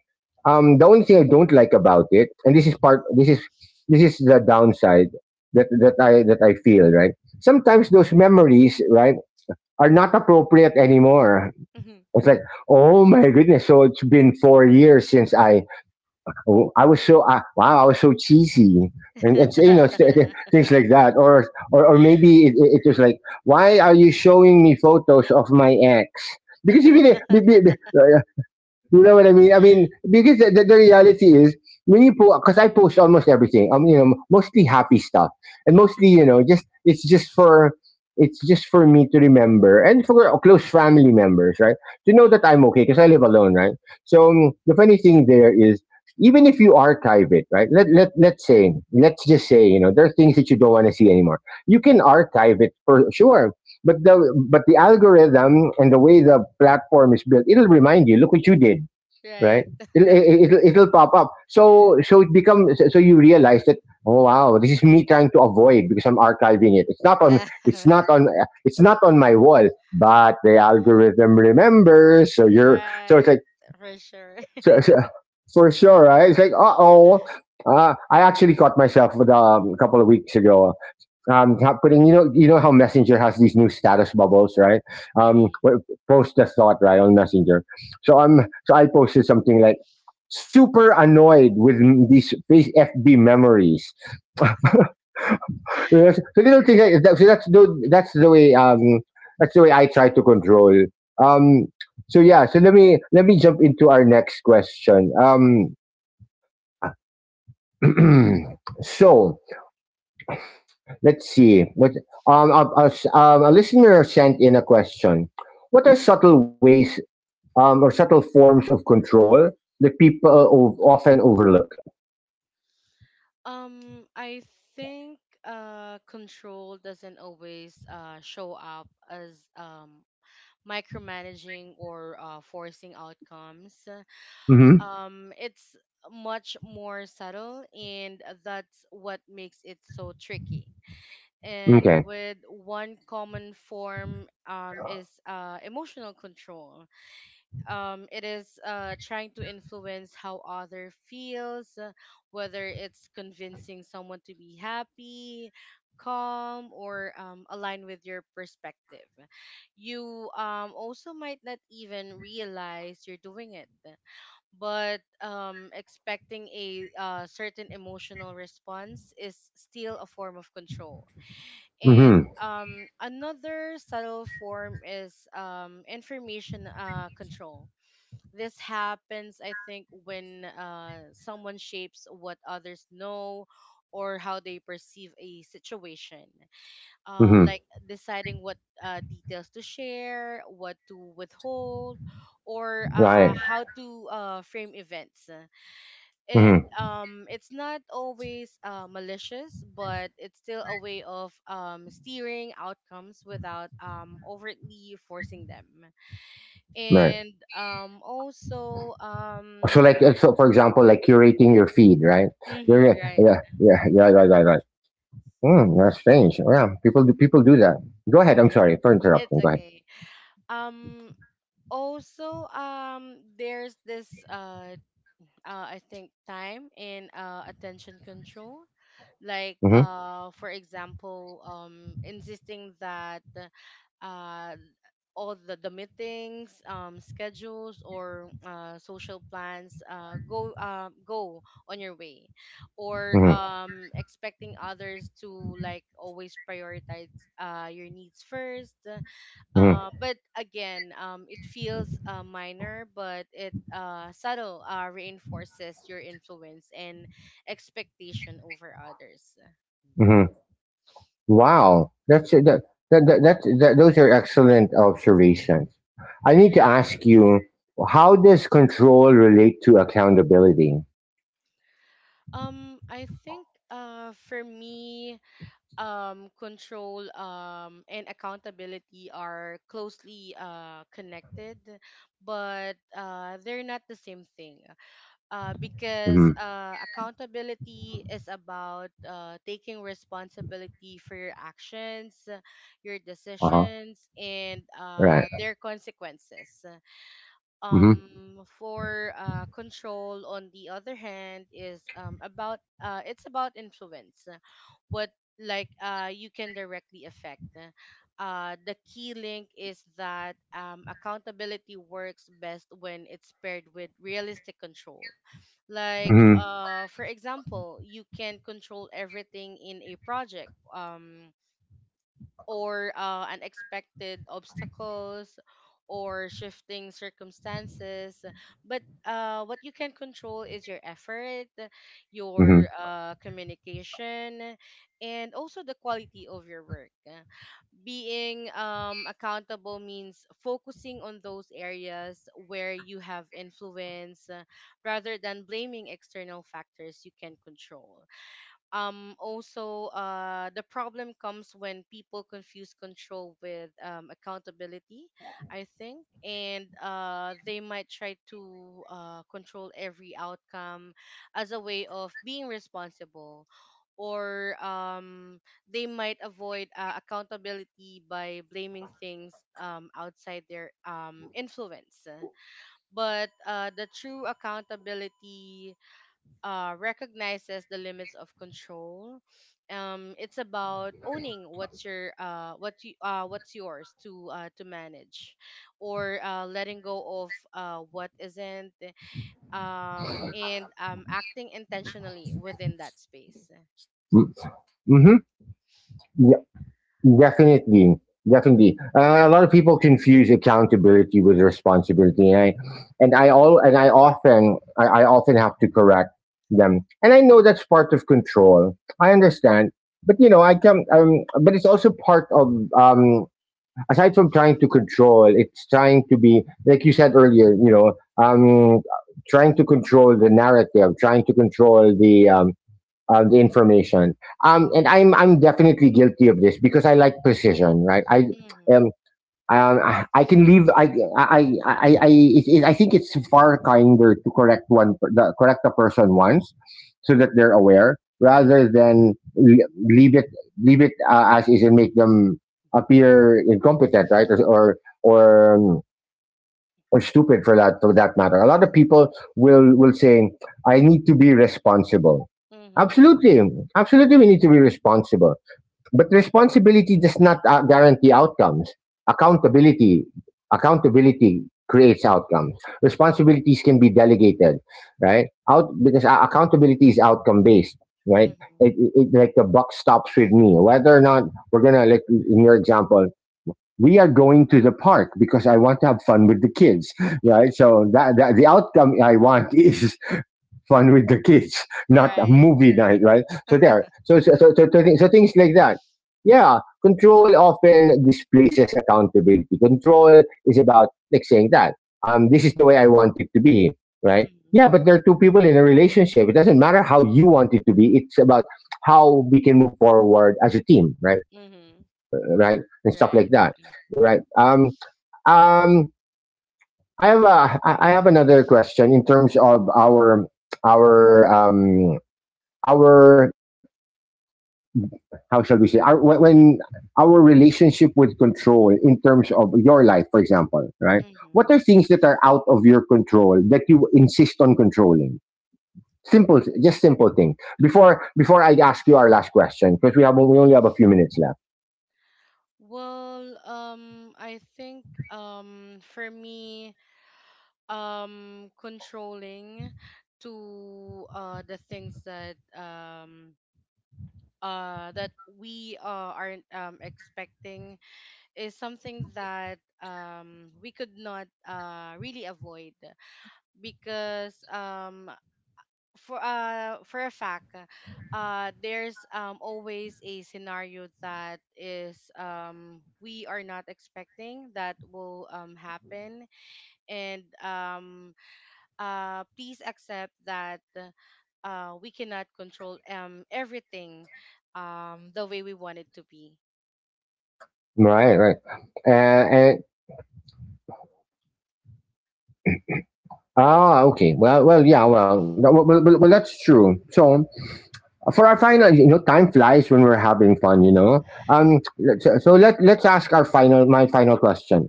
S1: Um, the only thing I don't like about it, and this is part this is this is the downside that that I that I feel, right. Sometimes those memories, right, are not appropriate anymore. It's like, oh my goodness! So it's been four years since I, oh, I was so uh, wow, I was so cheesy, and it's you know it's, th- things like that, or or or maybe it, it, it was like, why are you showing me photos of my ex? Because you really, you know what I mean? I mean, because the, the the reality is, when you post, because I post almost everything. Um, you know, mostly happy stuff, and mostly,
S2: Mhm.
S1: you know, just it's just for it's just for me to remember and for close family members, right? To know that
S2: Mhm.
S1: I'm okay because I live alone, right? So um, the funny thing there is, even if you archive it, right? Let let let's say, let's just say, you know, there are things that you don't want to see anymore. You can archive it for sure, but the but the algorithm and the way the platform is built, it'll remind you. Look what you did, right?
S2: Right.
S1: It'll, it- will it it'll pop up. So so it becomes, so so you realize that oh wow, this is me trying to avoid because I'm archiving it. It's not on
S2: Ah.
S1: it's not on it's not on my wall, but the algorithm remembers. So you're, so it's
S2: Right,
S1: like
S2: for sure.
S1: so, so for sure, right? It's like uh oh. Uh, I actually caught myself with, um, a couple of weeks ago um, putting, you know, you know how messenger has these new status bubbles, right? um
S2: Mhm.
S1: wh- Post a thought, right, on messenger. So um so I posted something like super annoyed with m- these face fb memories. You know, so little things like that, so that's the, that's the way, um, that's the way I try to control, um, so yeah, so let me let me jump into our next question. Um, so, let's see. What, um a, a s- um, a listener sent in a question. What are subtle ways, um, or subtle forms of control that people o- often overlook?
S2: Um, I think uh control doesn't always uh show up as um micromanaging or uh forcing outcomes.
S1: Hmm.
S2: Um, it's much more subtle, and that's what makes it so tricky. And
S1: Okay.
S2: with one common form, um, is uh, emotional control. Um, it is uh, trying to influence how other feels, uh, whether it's convincing someone to be happy, calm, or um, align with your perspective. You um, also might not even realize you're doing it, but um, expecting a uh, certain emotional response is still a form of control. And
S1: Hmm.
S2: um, another subtle form is um, information uh, control. This happens, I think, when uh, someone shapes what others know or how they perceive a situation. Uh,
S1: Hmm.
S2: like deciding what uh, details to share, what to withhold, or uh,
S1: Right.
S2: how to uh, frame events, and
S1: Hmm.
S2: um it's not always uh, malicious, but it's still a way of um steering outcomes without um overtly forcing them.
S1: Right.
S2: And um also um
S1: So, like, uh, so for example, like curating your feed, right? You're,
S2: mhm.
S1: yeah,
S2: Right.
S1: yeah, yeah, yeah, right, right, right. Mm, that's strange. Oh, yeah, people do, people do that. Go ahead. I'm sorry for
S2: It's
S1: interrupting. Go ahead.
S2: okay. um Also, um there's this, uh uh, I think, time and uh, attention control, like
S1: Hmm.
S2: uh for example um insisting that uh all the, the meetings, um schedules, or uh social plans uh go uh, go on your way, or
S1: Hmm.
S2: um expecting others to like always prioritize uh your needs first.
S1: Hmm.
S2: Uh, but again, um, it feels uh, minor, but it uh, subtle uh, reinforces your influence and expectation over others.
S1: Hmm. Wow, that's that, that, that, that's that, those are excellent observations. I need to
S2: Right.
S1: ask you, how does control relate to accountability?
S2: Um, I think uh, for me, um, control um, and accountability are closely uh, connected, but uh, they're not the same thing. Uh, because
S1: Mm-hmm.
S2: uh, accountability is about uh, taking responsibility for your actions, your
S1: Uh huh.
S2: decisions, and
S1: Right.
S2: uh, their consequences.
S1: Mm-hmm.
S2: Um for uh control, on the other hand, is um about, uh it's about influence, uh, what, like, uh you can directly affect. Uh the key link is that um accountability works best when it's paired with realistic control. Like
S1: Mm-hmm.
S2: uh for example, you can control everything in a project, um or uh, unexpected obstacles or shifting circumstances. But uh, what you can control is your effort,
S1: Mm-hmm.
S2: your uh, communication, and also the quality of your work. Being um, accountable means focusing on those areas where you have influence, uh, rather than blaming external factors you can control. Um also, uh the problem comes when people confuse control with um accountability, I think, and uh they might try to uh control every outcome as a way of being responsible, or um they might avoid uh, accountability by blaming things um outside their um influence. But uh the true accountability uh, recognizes the limits of control. Um, it's about owning what's your uh, what you uh, what's yours to uh, to manage, or uh, letting go of uh, what isn't, um, and um, acting intentionally within that space.
S1: Mm-hmm. Definitely, definitely. Uh, a lot of people confuse accountability with responsibility, and I and I all and I often I, I often have to correct them, and I know that's part of control. I understand, but you know, I can. Um, but it's also part of, um, aside from trying to control, it's trying to be like you said earlier. You know, um, trying to control the narrative, trying to control the, um, uh, the information. Um, and I'm I'm definitely guilty of this because I like precision, right? I
S2: Mhm.
S1: um, um I, I can leave. I I I I I, it, it, I think it's far kinder to correct one per- the, correct a person once, so that they're aware,
S2: Mhm.
S1: rather than le- leave it leave it, uh, as is, and make them appear incompetent, right? Or or, or um, or stupid, for that for that matter. A lot of people will will say, "I need to be responsible."
S2: Mhm.
S1: Absolutely, absolutely, we need to be responsible. But responsibility does not, uh, guarantee outcomes. Accountability, accountability creates outcomes. Responsibilities can be delegated, right? Out because, uh, accountability is outcome based. Right,
S2: Mhm.
S1: it, it, it- like the buck stops with me. Whether or not we're gonna, like in your example, we are going to the park because I want to have fun with the kids,
S2: Mhm.
S1: right? So that, that the outcome I want is fun with the kids, not a
S2: Right.
S1: movie night, right? So there, so so so, so, so, thi- so things like that. Yeah, control often displaces accountability. Control is about like saying that, um, this is the way I want it to be, right?
S2: Mhm.
S1: Yeah, but there are two people in a relationship. It doesn't matter how you want it to be. It's about how we can move forward as a team, right?
S2: Mhm.
S1: Right, and stuff like
S2: Right.
S1: that, right? Um, um, I have a, I I have another question in terms of our our um our how shall we say, our when when our relationship with control in terms of your life, for example, right?
S2: Mhm.
S1: What are things that are out of your control that you insist on controlling? Simple, just simple thing. Before before I ask you our last question, because we have we only have a few minutes left.
S2: Well, um, I think um for me, um controlling to uh the things that um uh that we uh, aren't um expecting is something that um we could not uh really avoid, because um for uh for a fact, uh there's um always a scenario that is um we are not expecting that will um happen. And um uh, please accept that uh, we cannot control um, everything um, the way we want it to be.
S1: Right, right. Uh, and ah, okay. Well, well, yeah, well, no, well, well, well, that's true. So for our final, you know, time flies when we're having fun. You know, um, let's- so let let's ask our final, my final question: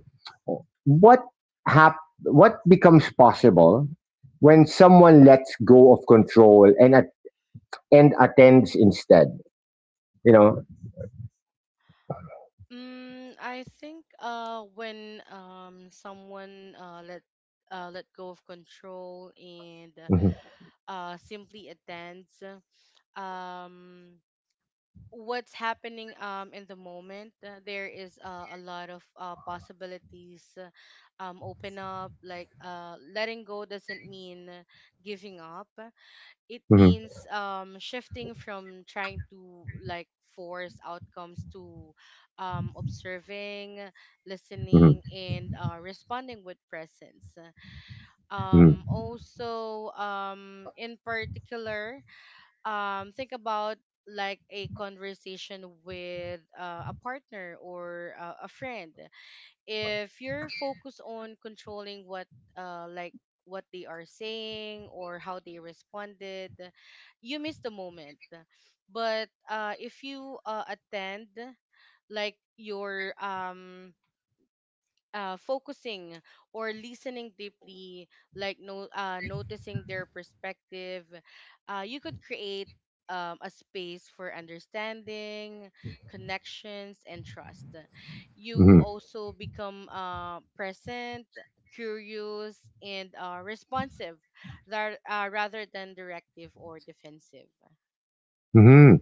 S1: what hap- what becomes possible when someone lets go of control and at- and attends instead? You know,
S2: Mm, I think uh, when um, someone uh, let uh, let go of control and
S1: mhm,
S2: uh, simply attends um, what's happening um, in the moment, uh, there is uh, a lot of uh, possibilities uh, um, open up. Like uh, letting go doesn't mean giving up. It
S1: mhm,
S2: means um shifting from trying to like force outcomes to um observing,
S1: mhm,
S2: listening, and uh, responding with presence. Um
S1: mhm,
S2: also, um in particular, um think about like a conversation with uh, a partner or uh, a friend. If you're focused on controlling what uh like what they are saying or how they responded, you miss the moment. But uh if you uh attend, like your um uh, focusing or listening deeply, like no, uh, noticing their perspective, uh, you could create um, a space for understanding, connections, and trust. You
S1: mhm,
S2: also become uh, present, curious, and uh, responsive, lar- uh, rather than directive or defensive.
S1: mhm.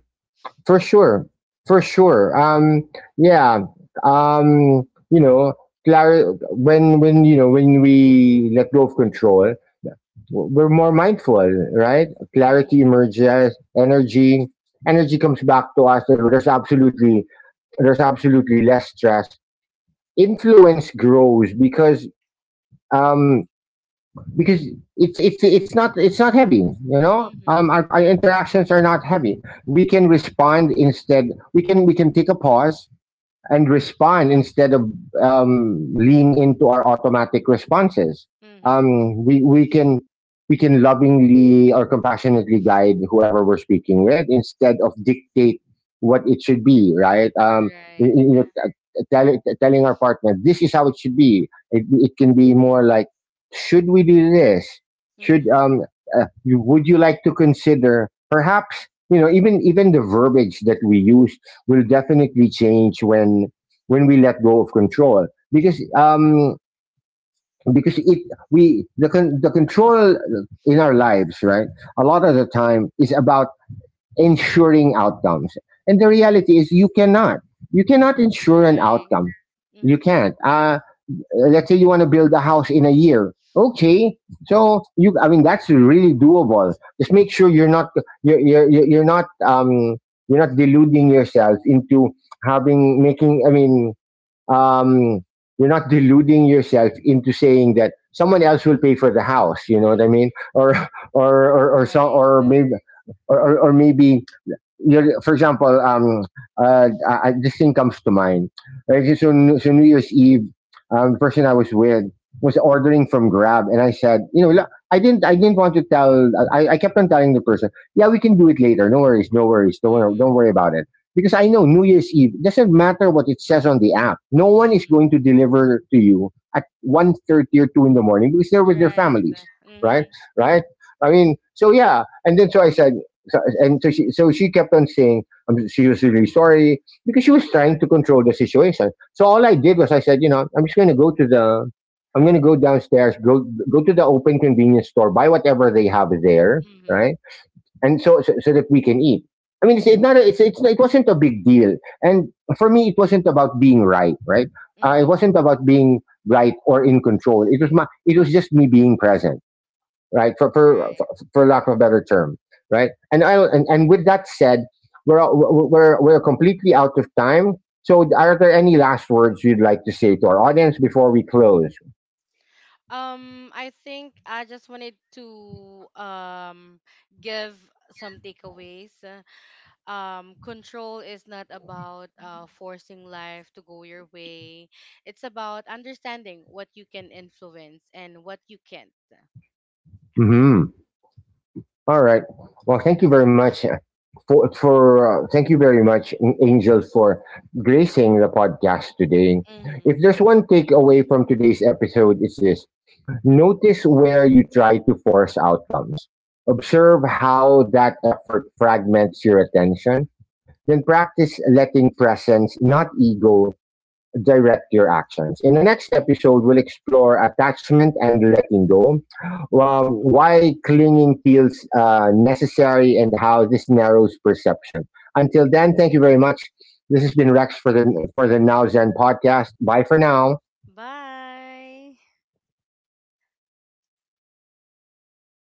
S1: For sure, for sure. Um, yeah. Um, you know, clar- when when you know, when we let go of control, we're more mindful, right? Clarity
S2: Mm-hmm.
S1: emerges, energy, energy comes back to us, and there's absolutely, there's absolutely less stress. Influence grows because, um, because it's it's it's not it's not heavy, you know.
S2: Mm-hmm.
S1: Um, our, our interactions are not heavy. We can respond instead, we can we can take a pause and respond instead of, um, lean into our automatic responses.
S2: Mm-hmm.
S1: Um, we we can we can lovingly or compassionately guide whoever we're speaking with instead of dictate what it should be. Right? Um, you
S2: Right.
S1: you know, t- t- tell, t- telling our partner this is how it should be. It it can be more like, should we do this?
S2: Mm-hmm.
S1: Should,
S2: Mm-hmm.
S1: um, uh, you- would you like to consider perhaps, you know, even even the verbiage that we use will definitely change when when we let go of control, because um, because it, we the con- the control in our lives, right, a lot of the time is about ensuring outcomes, and the reality is you cannot, you cannot ensure an
S2: Right.
S1: outcome. You
S2: Mm-hmm.
S1: can't. Uh, uh, let's say you want to build a house in a year. Okay, so you, I mean, that's really doable. Just make sure you're not you're you're, you're you're not um you're not deluding yourself into having making. I mean, um, you're not deluding yourself into saying that someone else will pay for the house. You know what I
S2: Mm-hmm.
S1: mean? Or or or, or so
S2: Right.
S1: or maybe or, or, or maybe you're, for example, um, uh, I, I- this thing comes to mind. Right? So, so so New Year's Eve, um, the person I was with was ordering from Grab, and I said, you know, "Look, I didn't, I didn't want to tell. I, I kept on telling the person, yeah, we can do it later. No worries, no worries. Don't worry,
S2: Mhm.
S1: don't worry about it. Because I know New Year's Eve, doesn't matter what it says on the app. No one is
S2: Mhm.
S1: going to deliver to you at one thirty or two in the morning because they're with their
S2: Right.
S1: families, right?
S2: Mhm.
S1: Right? I mean, so yeah. And then so I said, so, and so she, so she kept on saying, um, she was really sorry because she was trying to control the situation. So all I did was I said, you know, I'm just going to go to the, I'm going to go downstairs, go go to the open convenience store, buy whatever they have there,
S2: Mhm.
S1: right? And so so, so that we can eat. I mean, it's, it's not, a, it's, it's, it wasn't a big deal, and for me, it wasn't about being right, right? Uh, it
S2: Mhm.
S1: wasn't about being right or in control. It was my, it was just me being present, right? For for
S2: Right.
S1: for lack of a better term, right? And I and, and with that said, we're we're we're completely out of time. So, are there any last words you'd like to say to our audience before we close?
S2: Um, I think I just wanted to um give some takeaways. Uh, Um, control is not about uh forcing life to go your way. It's about understanding what you can influence and what you can't.
S1: Hmm. All right. Well, thank you very much, uh, for for uh, thank you very much, Angel, for gracing the podcast today. If
S2: Mhm.
S1: there's one takeaway from today's episode, it's this: notice where you try to force outcomes. Observe how that effort fragments your attention. Then practice letting presence, not ego, direct your actions. In the next episode, we'll explore attachment and letting go, um, why clinging feels, uh, necessary, and how this narrows perception. Until then, thank you very much. This has been Rex for the for the Now Zen podcast. Bye for now.
S2: Bye.